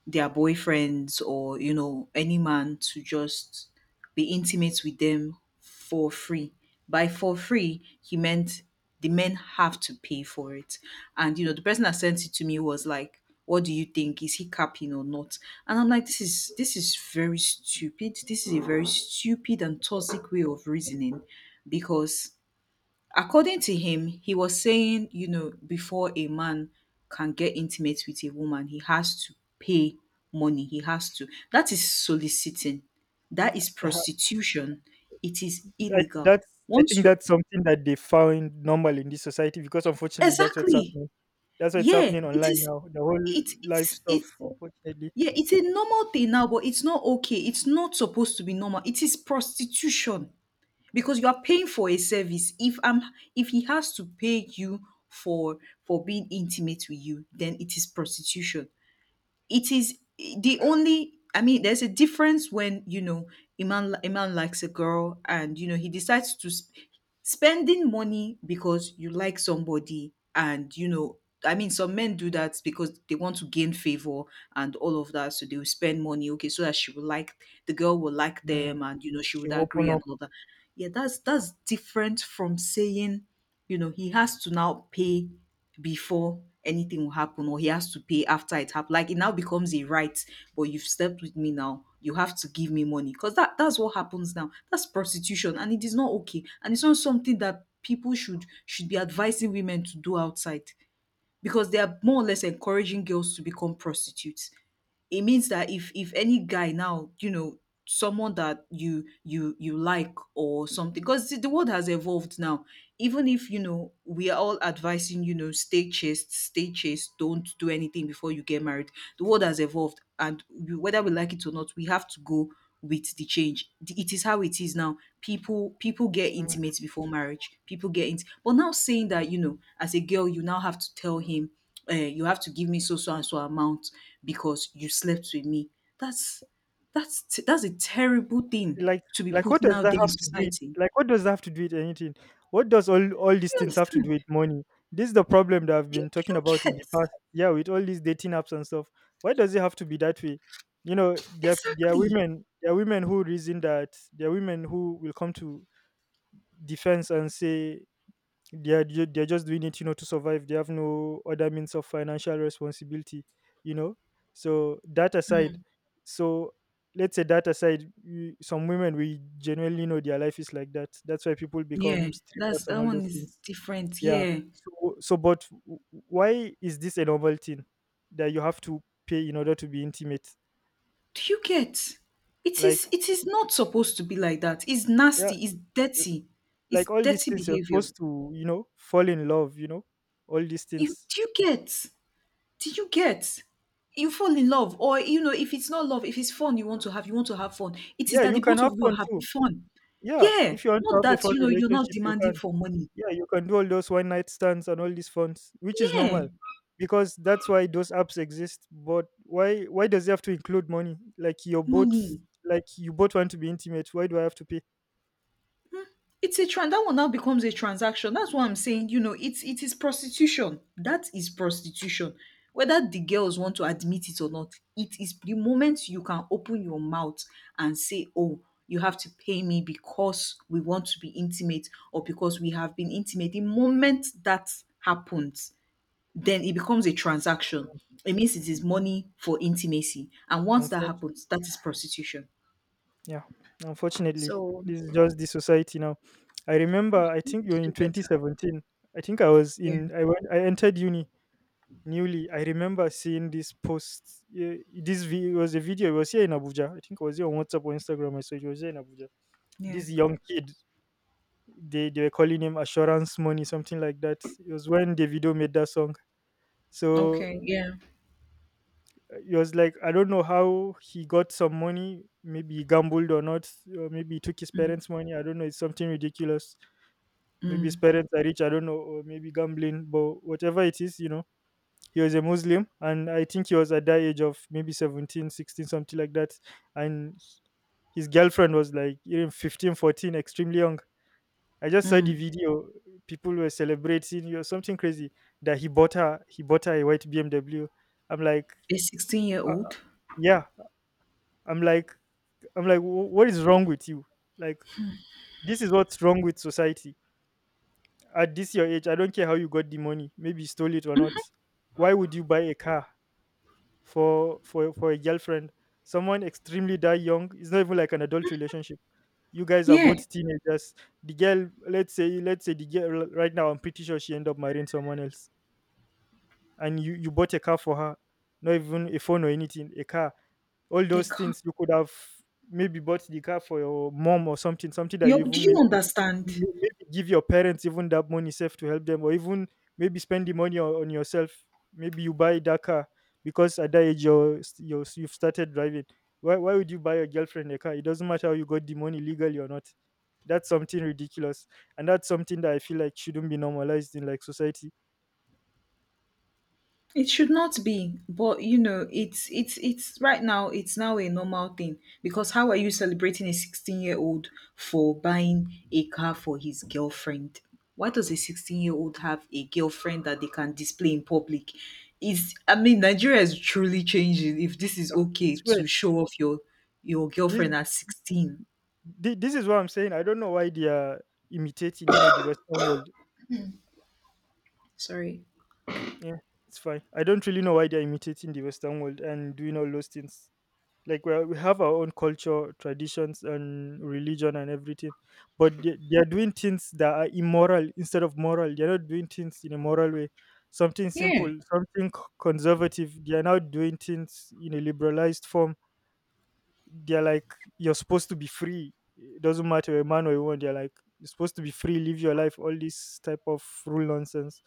Speaker 1: their boyfriends or you know any man to just be intimate with them for free. By for free, he meant the men have to pay for it. And you know, the person that sent it to me was like, what do you think, is he capping or not? And I'm like, this is very stupid, this is a very stupid and toxic way of reasoning, because according to him, he was saying, you know, before a man can get intimate with a woman, he has to pay money. He has to. That is soliciting. That is
Speaker 2: Yeah,
Speaker 1: prostitution. It is illegal.
Speaker 2: that's, I think
Speaker 1: Once you
Speaker 2: that's something that they found normal in this society, because unfortunately that's what's
Speaker 1: exactly,
Speaker 2: happening. That's what's
Speaker 1: yeah,
Speaker 2: happening
Speaker 1: it
Speaker 2: online
Speaker 1: is.
Speaker 2: now. The whole
Speaker 1: It
Speaker 2: life
Speaker 1: it's
Speaker 2: stuff,
Speaker 1: it's
Speaker 2: unfortunately,
Speaker 1: yeah, it's a normal thing now, but it's not okay. It's not supposed to be normal. It is prostitution. Because you are paying for a service. If he has to pay you for for being intimate with you, then it is prostitution. It is the only, I mean, there's a difference when you know a man likes a girl and you know he decides to sp- spending money because you like somebody, and you know, I mean, some men do that because they want to gain favor and all of that, so they will spend money, okay, so that she will like, the girl will like
Speaker 2: mm,
Speaker 1: them, and you know, she
Speaker 2: should
Speaker 1: would
Speaker 2: open
Speaker 1: agree and
Speaker 2: up.
Speaker 1: all that. Yeah, that's different from saying, you know, he has to now pay before anything will happen, or he has to pay after it happened. Like it now becomes a right, but you've slept with me now, you have to give me money. Because that's what happens now. That's prostitution and it is not okay. And it's not something that people should be advising women to do outside, because they are more or less encouraging girls to become prostitutes. It means that if any guy now, you know, someone that you like or something, because the world has evolved now, even if you know we are all advising, you know, stay chaste, stay chaste, don't do anything before you get married, the world has evolved, and we, whether we like it or not, we have to go with the change. The- it is how it is now. People get intimate before marriage. But now, saying that you know as a girl you now have to tell him, you have to give me so so and so amount because you slept with me. That's that's a terrible thing
Speaker 2: like
Speaker 1: to be
Speaker 2: like, what
Speaker 1: putting
Speaker 2: does
Speaker 1: out
Speaker 2: that
Speaker 1: there in
Speaker 2: have to do it?
Speaker 1: society. Do
Speaker 2: Like, what does that have to do with anything? What does all these
Speaker 1: you
Speaker 2: things have to do
Speaker 1: understand?
Speaker 2: with money? This is the problem that I've
Speaker 1: Do
Speaker 2: been talking
Speaker 1: you
Speaker 2: about in the
Speaker 1: get
Speaker 2: past, yeah, with all these dating apps and stuff. Why does it have to be that way? You know, there are
Speaker 1: exactly?
Speaker 2: women, there are women who reason, that there are women who will come to defense and say, they're just doing it, you know, to survive. They have no other means of financial responsibility, you know. So that aside.
Speaker 1: Mm,
Speaker 2: So, let's say that aside, some women, we genuinely know their life is like that. That's why people
Speaker 1: yeah,
Speaker 2: become strippers and
Speaker 1: that
Speaker 2: all
Speaker 1: one
Speaker 2: those
Speaker 1: is
Speaker 2: things.
Speaker 1: different.
Speaker 2: Yeah.
Speaker 1: Yeah,
Speaker 2: So why is this a normal thing, that you have to pay in order to be intimate?
Speaker 1: do you get? It is
Speaker 2: Like,
Speaker 1: it is not supposed to be like that. It's
Speaker 2: yeah,
Speaker 1: nasty. It's dirty. It's
Speaker 2: like, all these
Speaker 1: dirty
Speaker 2: things, you're
Speaker 1: behavior.
Speaker 2: supposed to, you know, fall in love, you know, all these
Speaker 1: You
Speaker 2: things.
Speaker 1: Do you get? Do you get? You fall in love, or you know, if it's not love, if it's fun you want to have, you want to have fun. It is
Speaker 2: Yeah,
Speaker 1: that
Speaker 2: you
Speaker 1: the
Speaker 2: can
Speaker 1: both
Speaker 2: have
Speaker 1: of you are
Speaker 2: fun too.
Speaker 1: having fun.
Speaker 2: Yeah,
Speaker 1: Yeah,
Speaker 2: if you want to
Speaker 1: not
Speaker 2: have a
Speaker 1: that
Speaker 2: fun
Speaker 1: you know you're not
Speaker 2: relationship, you
Speaker 1: demanding
Speaker 2: can.
Speaker 1: for money.
Speaker 2: Yeah, you can do all those one night stands and all these funds, which is
Speaker 1: Yeah,
Speaker 2: normal, because that's why those apps exist. But why does it have to include money? Like, you're both,
Speaker 1: money.
Speaker 2: like, you both want to be intimate. Why do I have to pay?
Speaker 1: It's a trend that one now becomes a transaction. That's what I'm saying. You know, it is prostitution. That is prostitution. Whether the girls want to admit it or not, it is the moment you can open your mouth and say, oh, you have to pay me because we want to be intimate or because we have been intimate. The moment that happens, then it becomes a transaction. It means it is money for intimacy. And once that
Speaker 2: Unfor-
Speaker 1: happens, that is prostitution.
Speaker 2: yeah, unfortunately,
Speaker 1: So
Speaker 2: this is just the society now. I remember, I think you were in
Speaker 1: do better.
Speaker 2: 2017. I think I was
Speaker 1: Yeah.
Speaker 2: in. I went. I entered uni newly. I remember seeing this post, this video. Was a video. It was here in Abuja. I think it was here on WhatsApp or Instagram I saw. It was here in Abuja.
Speaker 1: Yeah.
Speaker 2: This young kid, they were calling him assurance money, something like that. It was when Davido made that song. So,
Speaker 1: Okay. Yeah.
Speaker 2: it was like, I don't know how he got some money. Maybe he gambled or not, or maybe he took his parents money, I don't know. It's something ridiculous. Maybe his parents are rich, I don't know, or maybe gambling. But whatever it is, you know, he was a Muslim, and I think he was at that age of maybe 17, 16, something like that. And his girlfriend was like even 15, 14, extremely young. I just saw the
Speaker 1: Mm.
Speaker 2: video. People were celebrating. You know, something crazy that he bought her. He bought her a white BMW. I'm like,
Speaker 1: A
Speaker 2: uh,
Speaker 1: 16-year-old?
Speaker 2: yeah. I'm like, I'm like, "Wh- what is wrong with you? Like, this is what's wrong with society. At this your age, I don't care how you got the money. Maybe you stole it or not. Why would you buy a car for for a girlfriend, someone extremely die young? It's not even like an adult relationship. You guys are
Speaker 1: Yeah,
Speaker 2: both teenagers." The girl, let's say, let's say the girl right now, I'm pretty sure she end up marrying someone else. And you bought a car for her, not even a phone or anything, a car. All
Speaker 1: they
Speaker 2: those
Speaker 1: can't.
Speaker 2: things you could have maybe bought the car for your mom or something. Something that
Speaker 1: You,
Speaker 2: you
Speaker 1: do
Speaker 2: even
Speaker 1: you
Speaker 2: maybe
Speaker 1: understand?
Speaker 2: you maybe give your parents even that money safe to help them, or even maybe spend the money on yourself. Maybe you buy that car because at that age you're, you're, you've started driving. Why would you buy your girlfriend a car? It doesn't matter how you got the money, legally or not. That's something ridiculous, and that's something that I feel like shouldn't be normalized in like society.
Speaker 1: It should not be, but you know, it's right now. It's now a normal thing. Because how are you celebrating a 16-year-old for buying a car for his girlfriend? Why does a 16-year-old have a girlfriend that they can display in public? Is, I mean, Nigeria is truly changing. If this is
Speaker 2: Ah,
Speaker 1: okay
Speaker 2: it's
Speaker 1: to
Speaker 2: weird.
Speaker 1: show off your
Speaker 2: This
Speaker 1: girlfriend at 16,
Speaker 2: this is what I'm saying. I don't know why they are imitating, you know, the Western world.
Speaker 1: sorry,
Speaker 2: Yeah, it's fine. I don't really know why they are imitating the Western world and doing all those things. Like, we have our own culture, traditions, and religion, and everything. But they are doing things that are immoral instead of moral. They're not doing things in a moral way. Something
Speaker 1: yeah,
Speaker 2: simple, something conservative. They are now doing things in a liberalized form. They're like, "You're supposed to be free, it doesn't matter you're a man or a woman." They're like, "You're supposed to be free, live your life," all this type of rule nonsense.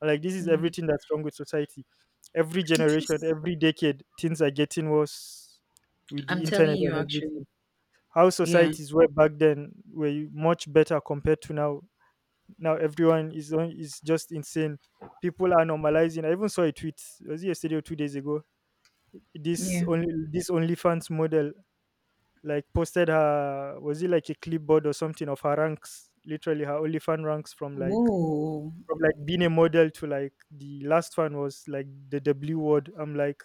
Speaker 2: And, like, this is everything that's wrong with society. Every
Speaker 1: it
Speaker 2: generation,
Speaker 1: is.
Speaker 2: every decade, things are getting worse, with the
Speaker 1: I'm telling
Speaker 2: internet
Speaker 1: you
Speaker 2: and everything.
Speaker 1: actually.
Speaker 2: How
Speaker 1: Yeah.
Speaker 2: societies were back then were much better compared to now. Now everyone is on, is just insane. People are normalizing. I even saw a tweet, was it yesterday or 2 days ago, this
Speaker 1: Yeah.
Speaker 2: only, this only fans model like posted her, was it like a clipboard or something of her ranks, literally her only fan ranks, from like,
Speaker 1: Whoa.
Speaker 2: from like being a model to like the last one was like the W word. I'm like,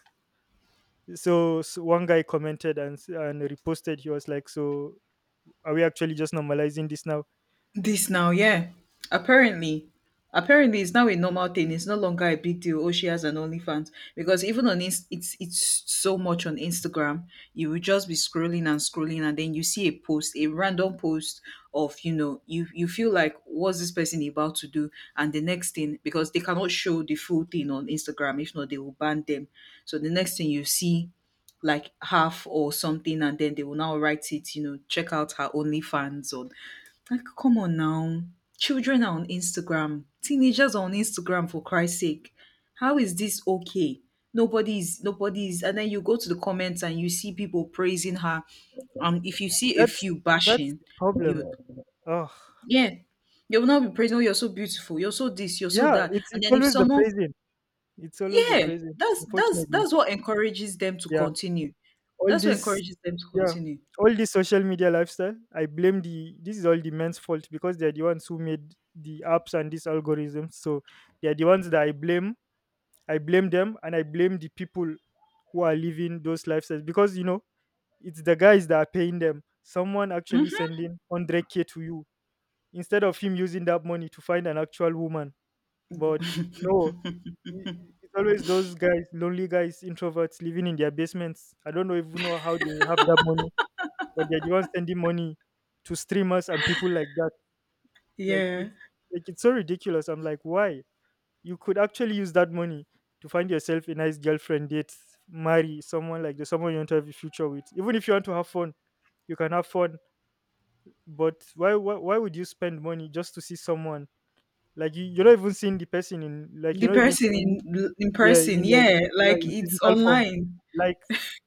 Speaker 2: so, so one guy commented and and reposted, he was like, "So, are we actually just normalizing this now?"
Speaker 1: This now, yeah. Apparently, apparently, it's now a normal thing. It's no longer a big deal. Oh, she has an OnlyFans, because even on Inst- it's so much on Instagram. You will just be scrolling and scrolling, and then you see a post, a random post of, you know, you feel like what's this person about to do, and the next thing, because they cannot show the full thing on Instagram, if not, they will ban them. So the next thing you see like half or something, and then they will now write it, you know, check out her OnlyFans, or, like, come on now. Children are on Instagram. Teenagers are on Instagram for Christ's sake. How is this okay? Nobody's, nobody's, and then you go to the comments and you see people praising her. Um, if you see a
Speaker 2: that's
Speaker 1: few
Speaker 2: that's
Speaker 1: bashing,
Speaker 2: the problem.
Speaker 1: you
Speaker 2: Oh,
Speaker 1: yeah, you will not be praising, oh, you're so beautiful, you're so this, you're so
Speaker 2: yeah,
Speaker 1: that.
Speaker 2: it's
Speaker 1: And
Speaker 2: it's
Speaker 1: then if
Speaker 2: always the
Speaker 1: someone,
Speaker 2: praising. It's always the
Speaker 1: yeah,
Speaker 2: praising,
Speaker 1: that's that's
Speaker 2: unfortunately.
Speaker 1: that's what encourages them to
Speaker 2: Yeah.
Speaker 1: continue.
Speaker 2: All
Speaker 1: That's what
Speaker 2: this,
Speaker 1: encourages them to
Speaker 2: yeah,
Speaker 1: continue.
Speaker 2: all this social media lifestyle, I blame the, this is all the men's fault, because they're the ones who made the apps and these algorithms. So they're the ones that I blame. I blame them, and I blame the people who are living those lifestyles, because you know, it's the guys that are paying them. Someone actually sending 100K to you, instead of him using that money to find an actual woman. But no, i- it's always those guys, lonely guys, introverts living in their basements. I don't know even know how they have that money but they're the ones sending money to streamers and people like that. Like
Speaker 1: Yeah.
Speaker 2: it's like it's so ridiculous. I'm like, why? You could actually use that money to find yourself a nice girlfriend, date, marry someone like the someone you want to have a future with. Even if you want to have fun, you can have fun. But why would you spend money just to see someone? Like you're not even seeing the person in like
Speaker 1: The
Speaker 2: you're not even
Speaker 1: person
Speaker 2: seeing
Speaker 1: in
Speaker 2: yeah,
Speaker 1: person,
Speaker 2: in like
Speaker 1: yeah,
Speaker 2: yeah,
Speaker 1: like
Speaker 2: in
Speaker 1: it's
Speaker 2: physical form.
Speaker 1: online.
Speaker 2: Like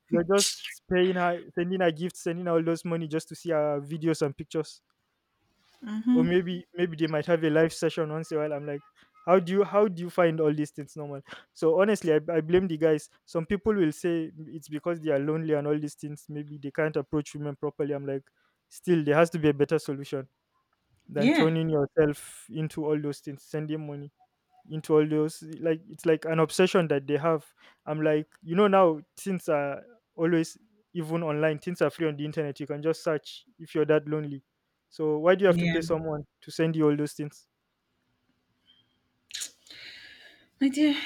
Speaker 2: you're just paying her, sending her gifts, sending her all those money just to see her videos and pictures. Or maybe they might have a live session once in a while. I'm like, how do you find all these things normal? So honestly I blame the guys. Some people will say it's because they are lonely and all these things, maybe they can't approach women properly. I'm like, still there has to be a better solution than
Speaker 1: Yeah.
Speaker 2: turning yourself into all those things, sending money into all those, like it's like an obsession that they have. I'm like, you know, now things are always, even online, things are free on the internet, you can just search if you're that lonely. So why do you have to
Speaker 1: Yeah.
Speaker 2: pay someone to send you all those things?
Speaker 1: My dear,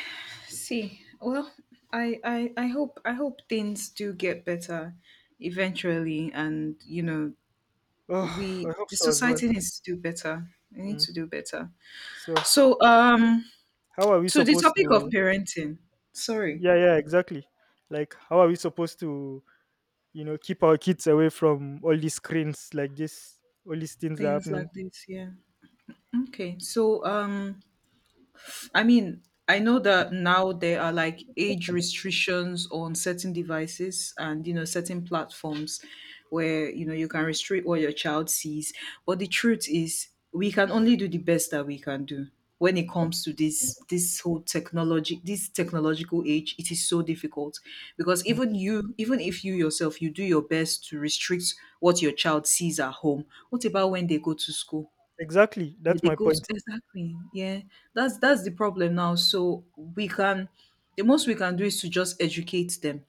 Speaker 1: see, well, I hope things do get better eventually, and you know,
Speaker 2: Oh, I
Speaker 1: we
Speaker 2: hope
Speaker 1: the
Speaker 2: so as well.
Speaker 1: society needs to do better. We need
Speaker 2: Mm.
Speaker 1: to do better.
Speaker 2: So
Speaker 1: So,
Speaker 2: how are we
Speaker 1: to the
Speaker 2: supposed
Speaker 1: topic of
Speaker 2: to,
Speaker 1: parenting. Sorry,
Speaker 2: yeah, yeah, exactly, like how are we supposed to, you know, keep our kids away from all these screens like this, all these things are
Speaker 1: things
Speaker 2: happening.
Speaker 1: like this. Yeah. Okay. I mean, I know that now there are like age restrictions on certain devices and you know certain platforms where you know you can restrict what your child sees. But the truth is we can only do the best that we can do when it comes to this whole technology, this technological age. It is so difficult because
Speaker 2: Mm.
Speaker 1: even if you yourself you do your best to restrict what your child sees at home, what about when they go to school?
Speaker 2: Exactly, that's my point.
Speaker 1: Exactly. Yeah, that's the problem now. So we can, the most we can do is to just educate them.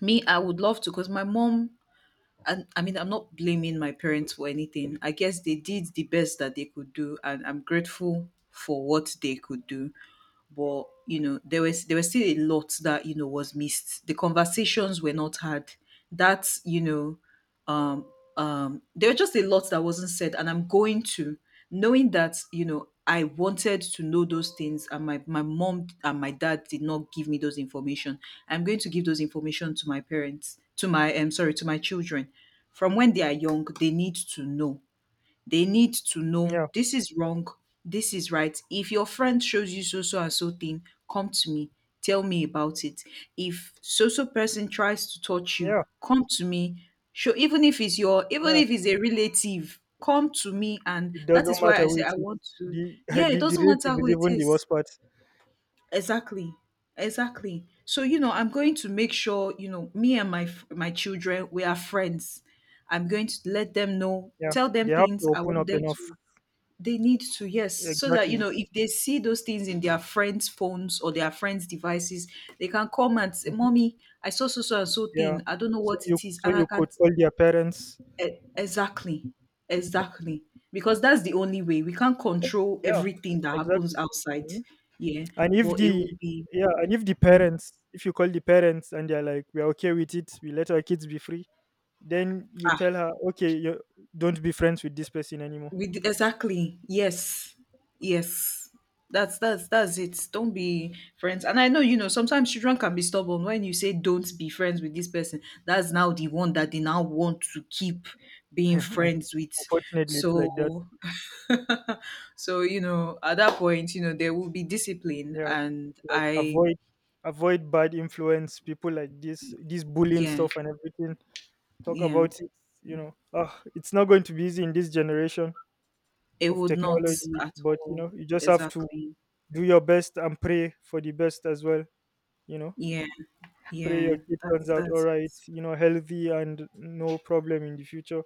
Speaker 1: Me, I would love to, cause my mom. And I mean, I'm not blaming my parents for anything. I guess they did the best that they could do, and I'm grateful for what they could do, but you know there was still a lot that you know was missed. The conversations were not had. That's you know um there were just a lot that wasn't said, and I'm going to, knowing that you know I wanted to know those things and my mom and my dad did not give me those information, I'm going to give those information to my parents to my sorry to my children. From when they are young, they need to know. They need to
Speaker 2: Yeah,
Speaker 1: know this is wrong, this is right. If your friend shows you so so and so thing, come to me, tell me about it. If so so person tries to touch you,
Speaker 2: yeah,
Speaker 1: come to me. Show, even if it's your, even
Speaker 2: yeah.
Speaker 1: if it's a relative, come to me, and
Speaker 2: It
Speaker 1: that
Speaker 2: doesn't
Speaker 1: is why
Speaker 2: matter
Speaker 1: I
Speaker 2: who
Speaker 1: say
Speaker 2: it
Speaker 1: I
Speaker 2: is.
Speaker 1: want to.
Speaker 2: The,
Speaker 1: Yeah, it
Speaker 2: the
Speaker 1: doesn't matter
Speaker 2: relative
Speaker 1: who
Speaker 2: is
Speaker 1: it
Speaker 2: even the
Speaker 1: is.
Speaker 2: worst part.
Speaker 1: Exactly. Exactly. So, you know, I'm going to make sure, you know, me and my f- my children, we are friends. I'm going to let them know,
Speaker 2: Yeah,
Speaker 1: tell them
Speaker 2: they have
Speaker 1: things
Speaker 2: to
Speaker 1: I
Speaker 2: open
Speaker 1: want
Speaker 2: up
Speaker 1: them
Speaker 2: enough.
Speaker 1: to, they need to, yes. So that, you
Speaker 2: Exactly.
Speaker 1: know, if they see those things in their friends' phones or their friends' devices, they can come and say,
Speaker 2: Mhm.
Speaker 1: Mommy, I saw so so and so
Speaker 2: Yeah.
Speaker 1: thing. I don't know
Speaker 2: So
Speaker 1: what
Speaker 2: you
Speaker 1: it is.
Speaker 2: so
Speaker 1: And I
Speaker 2: you could
Speaker 1: can't.
Speaker 2: call their parents.
Speaker 1: E- Exactly. Exactly. Because that's the only way. We can't control
Speaker 2: Yeah.
Speaker 1: everything that happens
Speaker 2: Exactly.
Speaker 1: outside.
Speaker 2: Mhm.
Speaker 1: Yeah.
Speaker 2: And if
Speaker 1: But it
Speaker 2: the,
Speaker 1: will be,
Speaker 2: yeah, and if the parents, if you call the parents and they're like, we're okay with it, we let our kids be free, then you tell her, okay, you don't be friends with this person anymore.
Speaker 1: exactly, yes. Yes, that's it. Don't be friends. And I know, you know, sometimes children can be stubborn. When you say don't be friends with this person, that's now the one that they now want to keep being
Speaker 2: Yeah,
Speaker 1: friends with.
Speaker 2: unfortunately, it's like that.
Speaker 1: So so you know at that point, you know, there will be discipline,
Speaker 2: Yeah,
Speaker 1: and
Speaker 2: like
Speaker 1: I,
Speaker 2: avoid bad influence, people like this bullying
Speaker 1: yeah.
Speaker 2: stuff and everything. Talk
Speaker 1: Yeah,
Speaker 2: about it. You know, it's not going to be easy in this generation
Speaker 1: it
Speaker 2: of
Speaker 1: would not,
Speaker 2: technology,
Speaker 1: at
Speaker 2: but you know,
Speaker 1: all,
Speaker 2: you just have to
Speaker 1: exactly.
Speaker 2: do your best and pray for the best as well. You know.
Speaker 1: Yeah,
Speaker 2: Pray
Speaker 1: yeah,
Speaker 2: your kid turns
Speaker 1: that's
Speaker 2: out all
Speaker 1: that's it.
Speaker 2: right, you know, healthy and no problem in the future.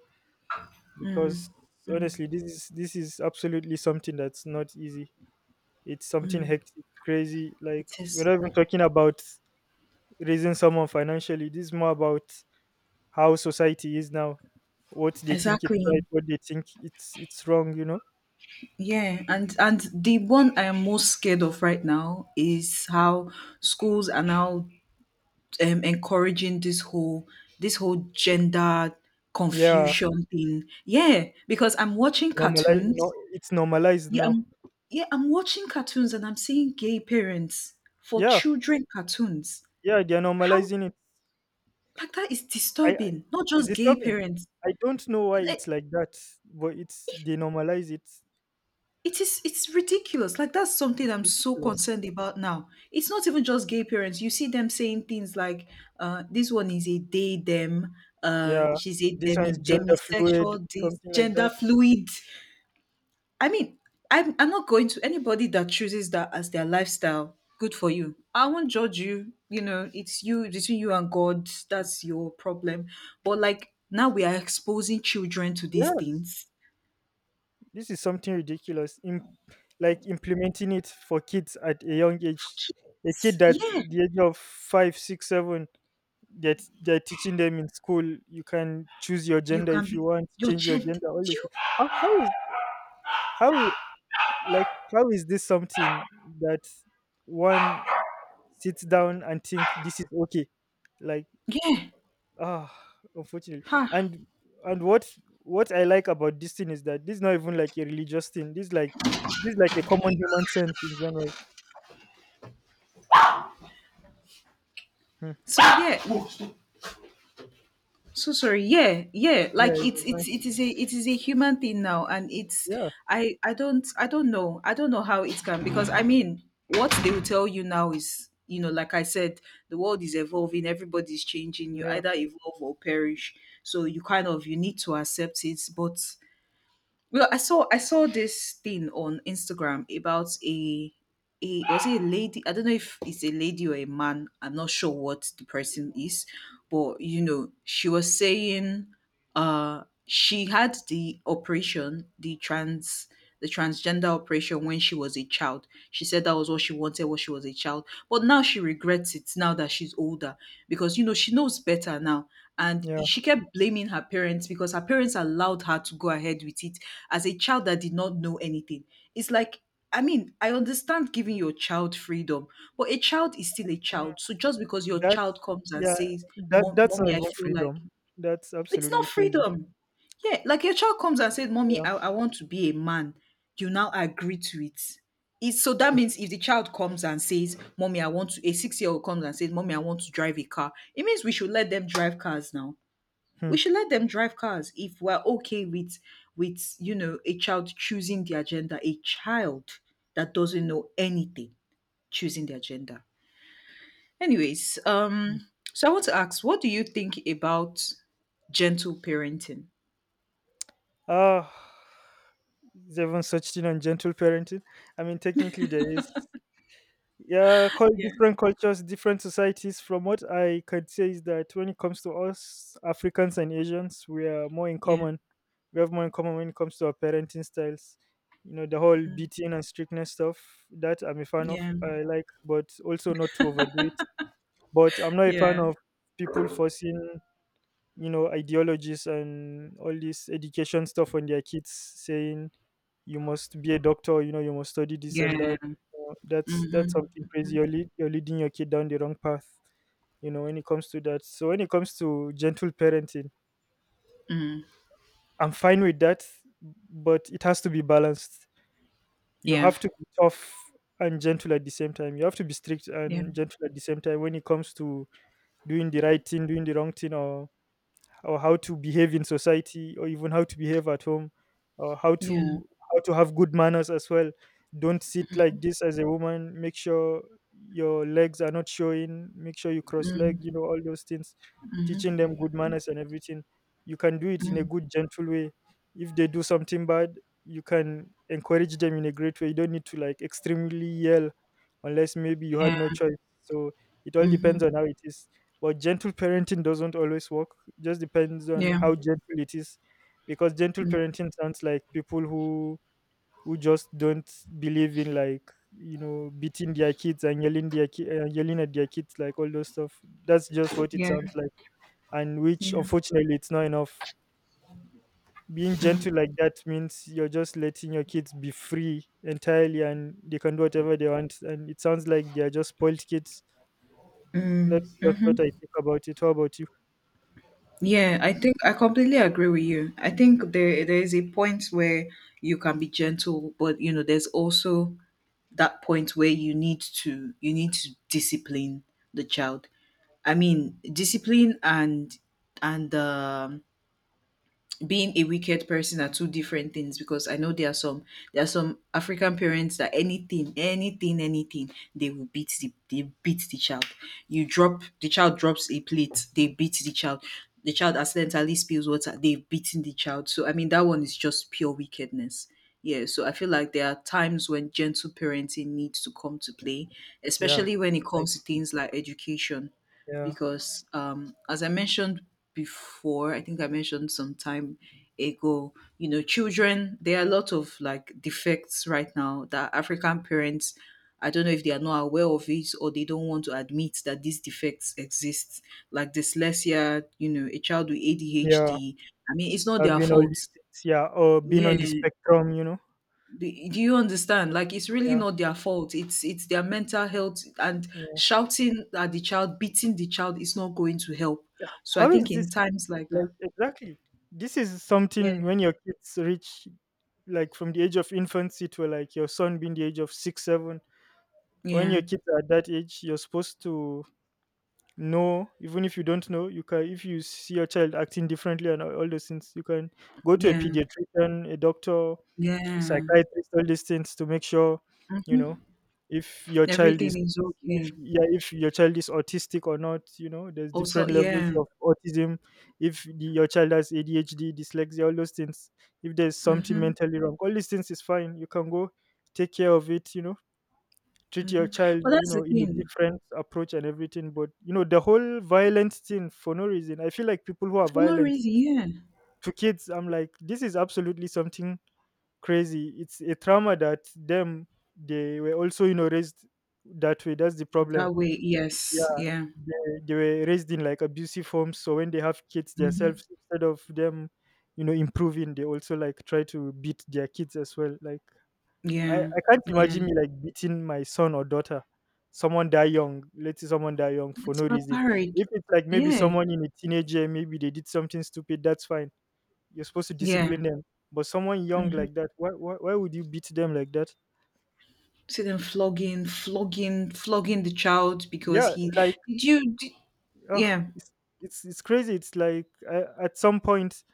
Speaker 2: Because honestly, this is absolutely something that's not easy. It's something hectic, crazy.
Speaker 1: It
Speaker 2: Like we're
Speaker 1: is,
Speaker 2: not even talking about raising someone financially. This is more about how society is now, what they think it's right,
Speaker 1: exactly.
Speaker 2: what they think it's wrong. You know?
Speaker 1: Yeah, and the one I am most scared of right now is how schools are now encouraging this whole, this whole gender
Speaker 2: Yeah,
Speaker 1: confusion thing. Yeah, because I'm watching
Speaker 2: normalize. No,
Speaker 1: cartoons.
Speaker 2: it's normalized
Speaker 1: Yeah,
Speaker 2: now.
Speaker 1: yeah, I'm watching cartoons and I'm seeing gay parents for
Speaker 2: Yeah,
Speaker 1: children cartoons.
Speaker 2: yeah, they're
Speaker 1: How,
Speaker 2: normalizing it.
Speaker 1: like, that is
Speaker 2: I.
Speaker 1: disturbing. Not
Speaker 2: It's
Speaker 1: just gay
Speaker 2: disturbing.
Speaker 1: parents.
Speaker 2: I don't know why
Speaker 1: Like,
Speaker 2: it's like that, but it's they normalize it. It's
Speaker 1: it is, it's ridiculous. Like, that's something I'm so
Speaker 2: ridiculous.
Speaker 1: concerned about now. It's not even just gay parents. You see them saying things like, this one is a they them,
Speaker 2: Yeah,
Speaker 1: she's a
Speaker 2: this one is gender fluid,
Speaker 1: demisexual, this
Speaker 2: something like that.
Speaker 1: gender fluid. I mean, I'm not going to, anybody that chooses that as their lifestyle, good for you. I won't judge you. You know, it's you between you and God, that's your problem. But like now we are exposing children to these
Speaker 2: Yes,
Speaker 1: things.
Speaker 2: this is something ridiculous. Like implementing it for kids at a young age, a kid that's
Speaker 1: Yeah.
Speaker 2: the age of five, six, seven. That they're teaching them in school. You can choose your
Speaker 1: You
Speaker 2: gender
Speaker 1: can
Speaker 2: if you
Speaker 1: be
Speaker 2: want,
Speaker 1: your
Speaker 2: change your
Speaker 1: gent.
Speaker 2: gender. All this.
Speaker 1: You-
Speaker 2: How how is how is like how is this something that one sits down and think this is okay, like
Speaker 1: Yeah.
Speaker 2: ah, unfortunately.
Speaker 1: Ha.
Speaker 2: And what I like about this thing is that this is not even like a religious thing, this is like a common human sense in general. Hmm.
Speaker 1: So yeah. So sorry. Yeah. Yeah.
Speaker 2: Yeah,
Speaker 1: Like
Speaker 2: it's
Speaker 1: it's
Speaker 2: fine.
Speaker 1: it's it is a human thing now, and it's,
Speaker 2: Yeah,
Speaker 1: I don't know I don't know how it can, because I mean what they will tell you now is you know, like I said, the world is evolving, everybody's changing, you
Speaker 2: yeah,
Speaker 1: either evolve or perish, so you kind of, you need to accept it, but well, I saw this thing on Instagram about a was it a lady? I don't know if it's a lady or a man. I'm not sure what the person is, but you know, she was saying, she had the operation, the trans, the transgender operation when she was a child. She said that was what she wanted when she was a child, but now she regrets it, now that she's older, because you know she knows better now. And
Speaker 2: yeah.
Speaker 1: she kept blaming her parents because her parents allowed her to go ahead with it as a child that did not know anything. It's like, I mean, I understand giving your child freedom, but a child is still a
Speaker 2: Mm,
Speaker 1: child. So just because your
Speaker 2: that,
Speaker 1: child comes and
Speaker 2: yeah,
Speaker 1: says,
Speaker 2: that
Speaker 1: Mom-
Speaker 2: that's not
Speaker 1: Mommy, I
Speaker 2: even
Speaker 1: feel like,
Speaker 2: freedom, that's
Speaker 1: it's not
Speaker 2: absolutely crazy.
Speaker 1: freedom. Yeah, like your child comes and says, Mommy,
Speaker 2: Yeah.
Speaker 1: I want to be a man. You now agree to it. It's, so that means if the child comes and says, Mommy, I want to, a 6 year old comes and says, Mommy, I want to drive a car, it means we should let them drive cars now.
Speaker 2: Hmm.
Speaker 1: We should let them drive cars if we're okay with you know, a child choosing the agenda, a child that doesn't know anything choosing the agenda. Anyways, so I want to ask, what do you think about gentle parenting?
Speaker 2: Uh is there even such thing on gentle parenting? I mean, technically there is. Yeah, call
Speaker 1: Yeah.
Speaker 2: different cultures, different societies. From what I could say is that when it comes to us Africans and Asians, we are more in
Speaker 1: Yeah,
Speaker 2: common. We have more in common when it comes to our parenting styles. You know, the whole beating and strictness stuff that I'm a fan of.
Speaker 1: yeah,
Speaker 2: I like, but also not to overdo it. But I'm not a fan
Speaker 1: yeah,
Speaker 2: of people forcing, you know, ideologies and all this education stuff on their kids saying you must be a doctor, you know, you must study this and that.
Speaker 1: yeah,
Speaker 2: That's something crazy, you're leading your kid down the wrong path, you know, when it comes to that. So when it comes to gentle parenting,
Speaker 1: mm,
Speaker 2: I'm fine with that, but it has to be balanced. You
Speaker 1: yeah,
Speaker 2: have to be tough and gentle at the same time, you have to be strict
Speaker 1: yeah,
Speaker 2: and gentle at the same time when it comes to doing the right thing, doing the wrong thing, or how to behave in society or even how to behave at home, or how
Speaker 1: yeah,
Speaker 2: to have good manners as well. Don't sit like this as a woman, make sure your legs are not showing, make sure you cross leg, you
Speaker 1: mm,
Speaker 2: know, all those things, teaching them good manners and everything. You can do it in a good gentle way. If they do something bad, you can encourage them in a great way, you don't need to like extremely yell, unless maybe you had
Speaker 1: yeah,
Speaker 2: no choice. So it all
Speaker 1: hmm,
Speaker 2: depends on how it is. But gentle parenting doesn't always work. It just depends on
Speaker 1: yeah,
Speaker 2: how gentle it is. Because gentle parenting sounds like people who just don't believe in, like, you know, beating their kids and yelling their yelling at their kids, like all those stuff, that's just what it
Speaker 1: yeah,
Speaker 2: sounds like. And which
Speaker 1: yeah,
Speaker 2: unfortunately it's not enough. Being gentle like that means you're just letting your kids be free entirely and they can do whatever they want, and it sounds like they are just spoiled kids. That's just what I think about it. How about you?
Speaker 1: yeah. I think I completely agree with you. I think there is a point where you can be gentle, but you know, there's also that point where you need to, you need to discipline the child. I mean, discipline and and being a wicked person are two different things, because I know there are some, there are some African parents that anything, anything, anything, they will beat the, they beat the child. You drop the child, drops a plate, they beat the child. The child accidentally spills water, they've beaten the child. So I mean that one is just pure wickedness. Yeah, so I feel like there are times when gentle parenting needs to come to play,
Speaker 2: Yeah,
Speaker 1: especially when it
Speaker 2: like
Speaker 1: comes to things like education,
Speaker 2: yeah.
Speaker 1: because as I mentioned before, I think I mentioned some time ago, you know, children, there are a lot of like defects right now that African parents, I don't know if they are not aware of it or they don't want to admit that these defects exist, like dyslexia, you know, a child with
Speaker 2: Yeah,
Speaker 1: ADHD. I mean, it's not
Speaker 2: I've
Speaker 1: their
Speaker 2: been all these
Speaker 1: fault.
Speaker 2: things. Yeah, or been
Speaker 1: Yeah,
Speaker 2: on the spectrum, you know.
Speaker 1: do you understand? Like it's really
Speaker 2: Yeah,
Speaker 1: not their fault. It's their mental health, and
Speaker 2: yeah.
Speaker 1: shouting at the child, beating the child is not going to help. So I
Speaker 2: How
Speaker 1: think
Speaker 2: is
Speaker 1: in
Speaker 2: this
Speaker 1: times like
Speaker 2: like
Speaker 1: that,
Speaker 2: exactly? This is something
Speaker 1: yeah,
Speaker 2: when your kids reach like from the age of infancy to like your son being the age of six, seven. When your
Speaker 1: yeah,
Speaker 2: kids are at that age, you're supposed to know, even if you don't know, you can, if you see your child acting differently and all those things, you can go to a
Speaker 1: yeah,
Speaker 2: pediatrician, a doctor,
Speaker 1: yeah,
Speaker 2: psychiatrist, all these things to make sure you know
Speaker 1: mhm,
Speaker 2: if your child is,
Speaker 1: everything is
Speaker 2: if
Speaker 1: okay.
Speaker 2: yeah if your child is autistic or not, you know there's
Speaker 1: Also,
Speaker 2: different levels
Speaker 1: yeah,
Speaker 2: of autism. If your child has adhd dyslexia, all those things, if there's something
Speaker 1: mm-hmm,
Speaker 2: mentally wrong, all these things is fine, you can go take care of it, you know, treat your
Speaker 1: mm-hmm.
Speaker 2: child,
Speaker 1: But
Speaker 2: you
Speaker 1: that's
Speaker 2: know,
Speaker 1: the
Speaker 2: in a
Speaker 1: thing.
Speaker 2: different approach and everything. But you know the whole violent thing for no reason, I feel like people who are
Speaker 1: For no
Speaker 2: violent
Speaker 1: reason, yeah.
Speaker 2: to kids, I'm like, this is absolutely something crazy. It's a trauma that them they were also, you know, raised that way. That's the problem.
Speaker 1: That way, yes,
Speaker 2: Yeah,
Speaker 1: yeah,
Speaker 2: they were raised in like abusive homes. So when they have kids
Speaker 1: mm-hmm,
Speaker 2: themselves, instead of them, you know, improving, they also like try to beat their kids as well. Like I,
Speaker 1: yeah,
Speaker 2: I can't
Speaker 1: yeah.
Speaker 2: imagine me like beating my son or daughter. Someone die young. Let's say someone die young for
Speaker 1: It's
Speaker 2: no reason.
Speaker 1: barbaric.
Speaker 2: If it's like maybe
Speaker 1: Yeah,
Speaker 2: someone in a teenager, maybe they did something stupid. That's fine, you're supposed to
Speaker 1: yeah.
Speaker 2: discipline them. But someone young
Speaker 1: Mm-hmm.
Speaker 2: like that, why would you beat them like that?
Speaker 1: See them flogging, flogging, flogging the child because
Speaker 2: Yeah,
Speaker 1: he did,
Speaker 2: like
Speaker 1: you did,
Speaker 2: ugh,
Speaker 1: yeah,
Speaker 2: it's it's crazy. It's like at some point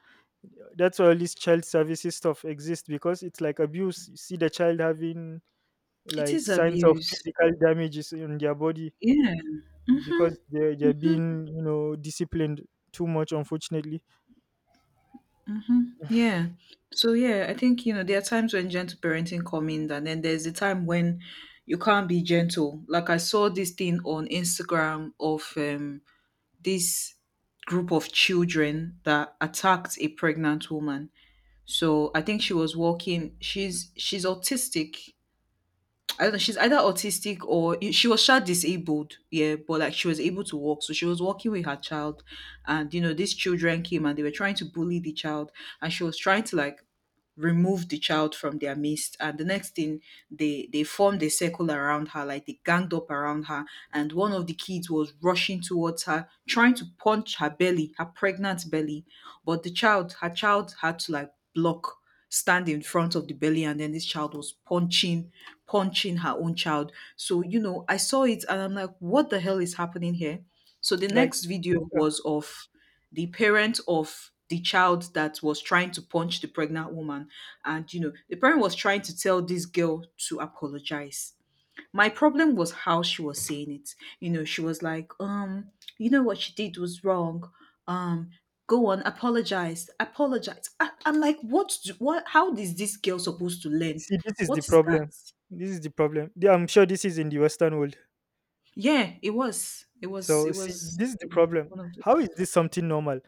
Speaker 2: that's why all this child services stuff exists because it's like abuse. You see the child having
Speaker 1: it
Speaker 2: like
Speaker 1: is
Speaker 2: signs of
Speaker 1: abuse.
Speaker 2: physical damages in their body
Speaker 1: Yeah. Mm-hmm.
Speaker 2: because they're being, you know, disciplined too much. Unfortunately,
Speaker 1: Hmm. Yeah. So yeah, I think you know there are times when gentle parenting come in, and then there's the time when you can't be gentle. Like I saw this thing on Instagram of this group of children that attacked a pregnant woman. So I think she was walking. She's autistic, I don't know, she's either autistic or she was child disabled, yeah, but like she was able to walk. So she was walking with her child, and you know, these children came and they were trying to bully the child, and she was trying to like, removed the child from their midst, and the next thing, they formed a circle around her, like they ganged up around her, and one of the kids was rushing towards her trying to punch her belly, her pregnant belly, but the child, her child had to like block, stand in front of the belly, and then this child was punching her own child. So you know I saw it and I'm like, what the hell is happening here? So the
Speaker 2: like
Speaker 1: next video
Speaker 2: uh,
Speaker 1: was of the parent of the child that was trying to punch the pregnant woman. And, you know, the parent was trying to tell this girl to apologize. My problem was how she was saying it. You know, she was like, you know what she did was wrong. Um, go on, apologize, apologize. I'm like, what, do, what, how is this girl
Speaker 2: see,
Speaker 1: supposed to learn?
Speaker 2: see, this is the
Speaker 1: What is that?
Speaker 2: problem. This is the problem. Yeah, I'm sure this is in the Western world.
Speaker 1: Yeah,
Speaker 2: So
Speaker 1: it
Speaker 2: see,
Speaker 1: was
Speaker 2: this is the
Speaker 1: in
Speaker 2: problem.
Speaker 1: one of the,
Speaker 2: How is this something normal?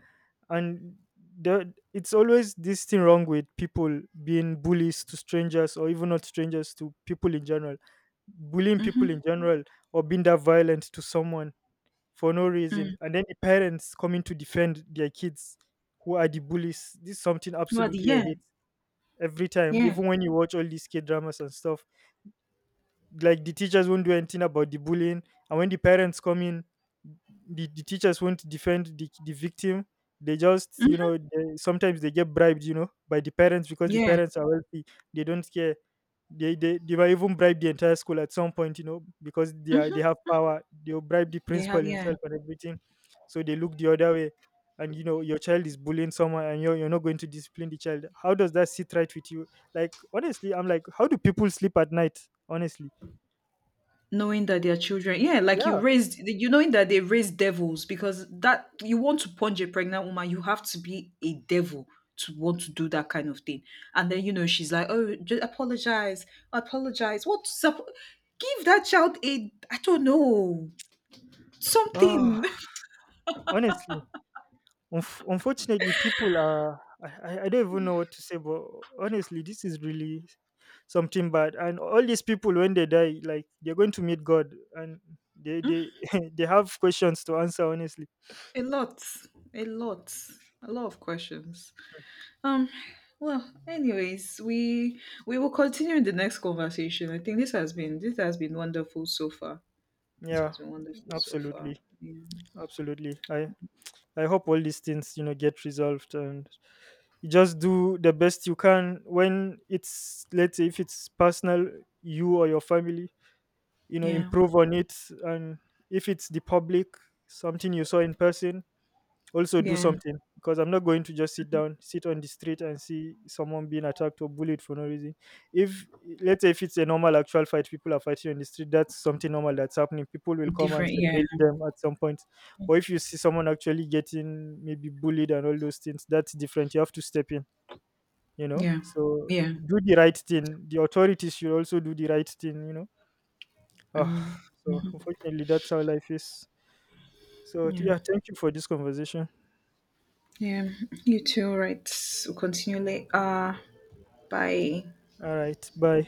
Speaker 2: And the, it's always this thing wrong with people being bullies to strangers or even not strangers, to people in general. Bullying people in
Speaker 1: mm-hmm,
Speaker 2: general or being that violent to someone for no reason.
Speaker 1: mm,
Speaker 2: And then the parents coming to defend their kids who are the bullies. This is something
Speaker 1: well, the,
Speaker 2: absolutely I
Speaker 1: yeah,
Speaker 2: hate every time,
Speaker 1: yeah,
Speaker 2: even when you watch all these K dramas and stuff, like the teachers won't do anything about the bullying, and when the parents come in, the teachers won't defend the victim, they just, you
Speaker 1: mm,
Speaker 2: know, they sometimes they get bribed, you know, by the parents because the
Speaker 1: yeah.
Speaker 2: parents are wealthy, they don't care, they they might even bribe the entire school at some point, you know, because they are they
Speaker 1: Mhm.
Speaker 2: have power, they'll bribe the
Speaker 1: They
Speaker 2: principal
Speaker 1: have, yeah.
Speaker 2: himself and everything. So they look the other way, and you know your child is bullying someone and you're not going to discipline the child, how does that sit right with you? Like honestly I'm like, how do people sleep at night, honestly?
Speaker 1: Knowing that their children, yeah, like you
Speaker 2: Yeah.
Speaker 1: raised, you knowing that they raised devils, because that you want to punch a pregnant woman, you have to be a devil to want to do that kind of thing. And then you know she's like, oh, just apologize, apologize. What's up? Give that child a, I don't know,
Speaker 2: Ah,
Speaker 1: something.
Speaker 2: honestly, unfortunately, people are. I don't even know what to say, but honestly, this is really something bad. And all these people, when they die, like they're going to meet God, and they they have questions to answer. Honestly,
Speaker 1: A lot, a lot, a lot of questions. Um. Well, anyways, we will continue in the next conversation. I think this has been wonderful so far. It
Speaker 2: yeah,
Speaker 1: has been wonderful so far.
Speaker 2: absolutely,
Speaker 1: Yeah.
Speaker 2: absolutely. I hope all these things, you know, get resolved, and you just do the best you can when it's, let's say if it's personal, you or your family, you know,
Speaker 1: Yeah.
Speaker 2: improve on it. And if it's the public, something you saw in person, also do
Speaker 1: Yeah.
Speaker 2: something, because I'm not going to just sit down, sit on the street and see someone being attacked or bullied for no reason. If let's say if it's a normal actual fight, people are fighting on the street, that's something normal that's happening, people will come and
Speaker 1: Different. Yeah.
Speaker 2: separate them at some point. But if you see someone actually getting maybe bullied and all those things, that's different, you have to step in, you know.
Speaker 1: Yeah.
Speaker 2: So
Speaker 1: Yeah.
Speaker 2: do the right thing, the authorities should also do the right thing, you know. Ah, so unfortunately, that's how life is. So,
Speaker 1: Yeah.
Speaker 2: yeah, thank you for this conversation.
Speaker 1: Yeah. You too, right? We'll continue. Bye.
Speaker 2: All right, bye.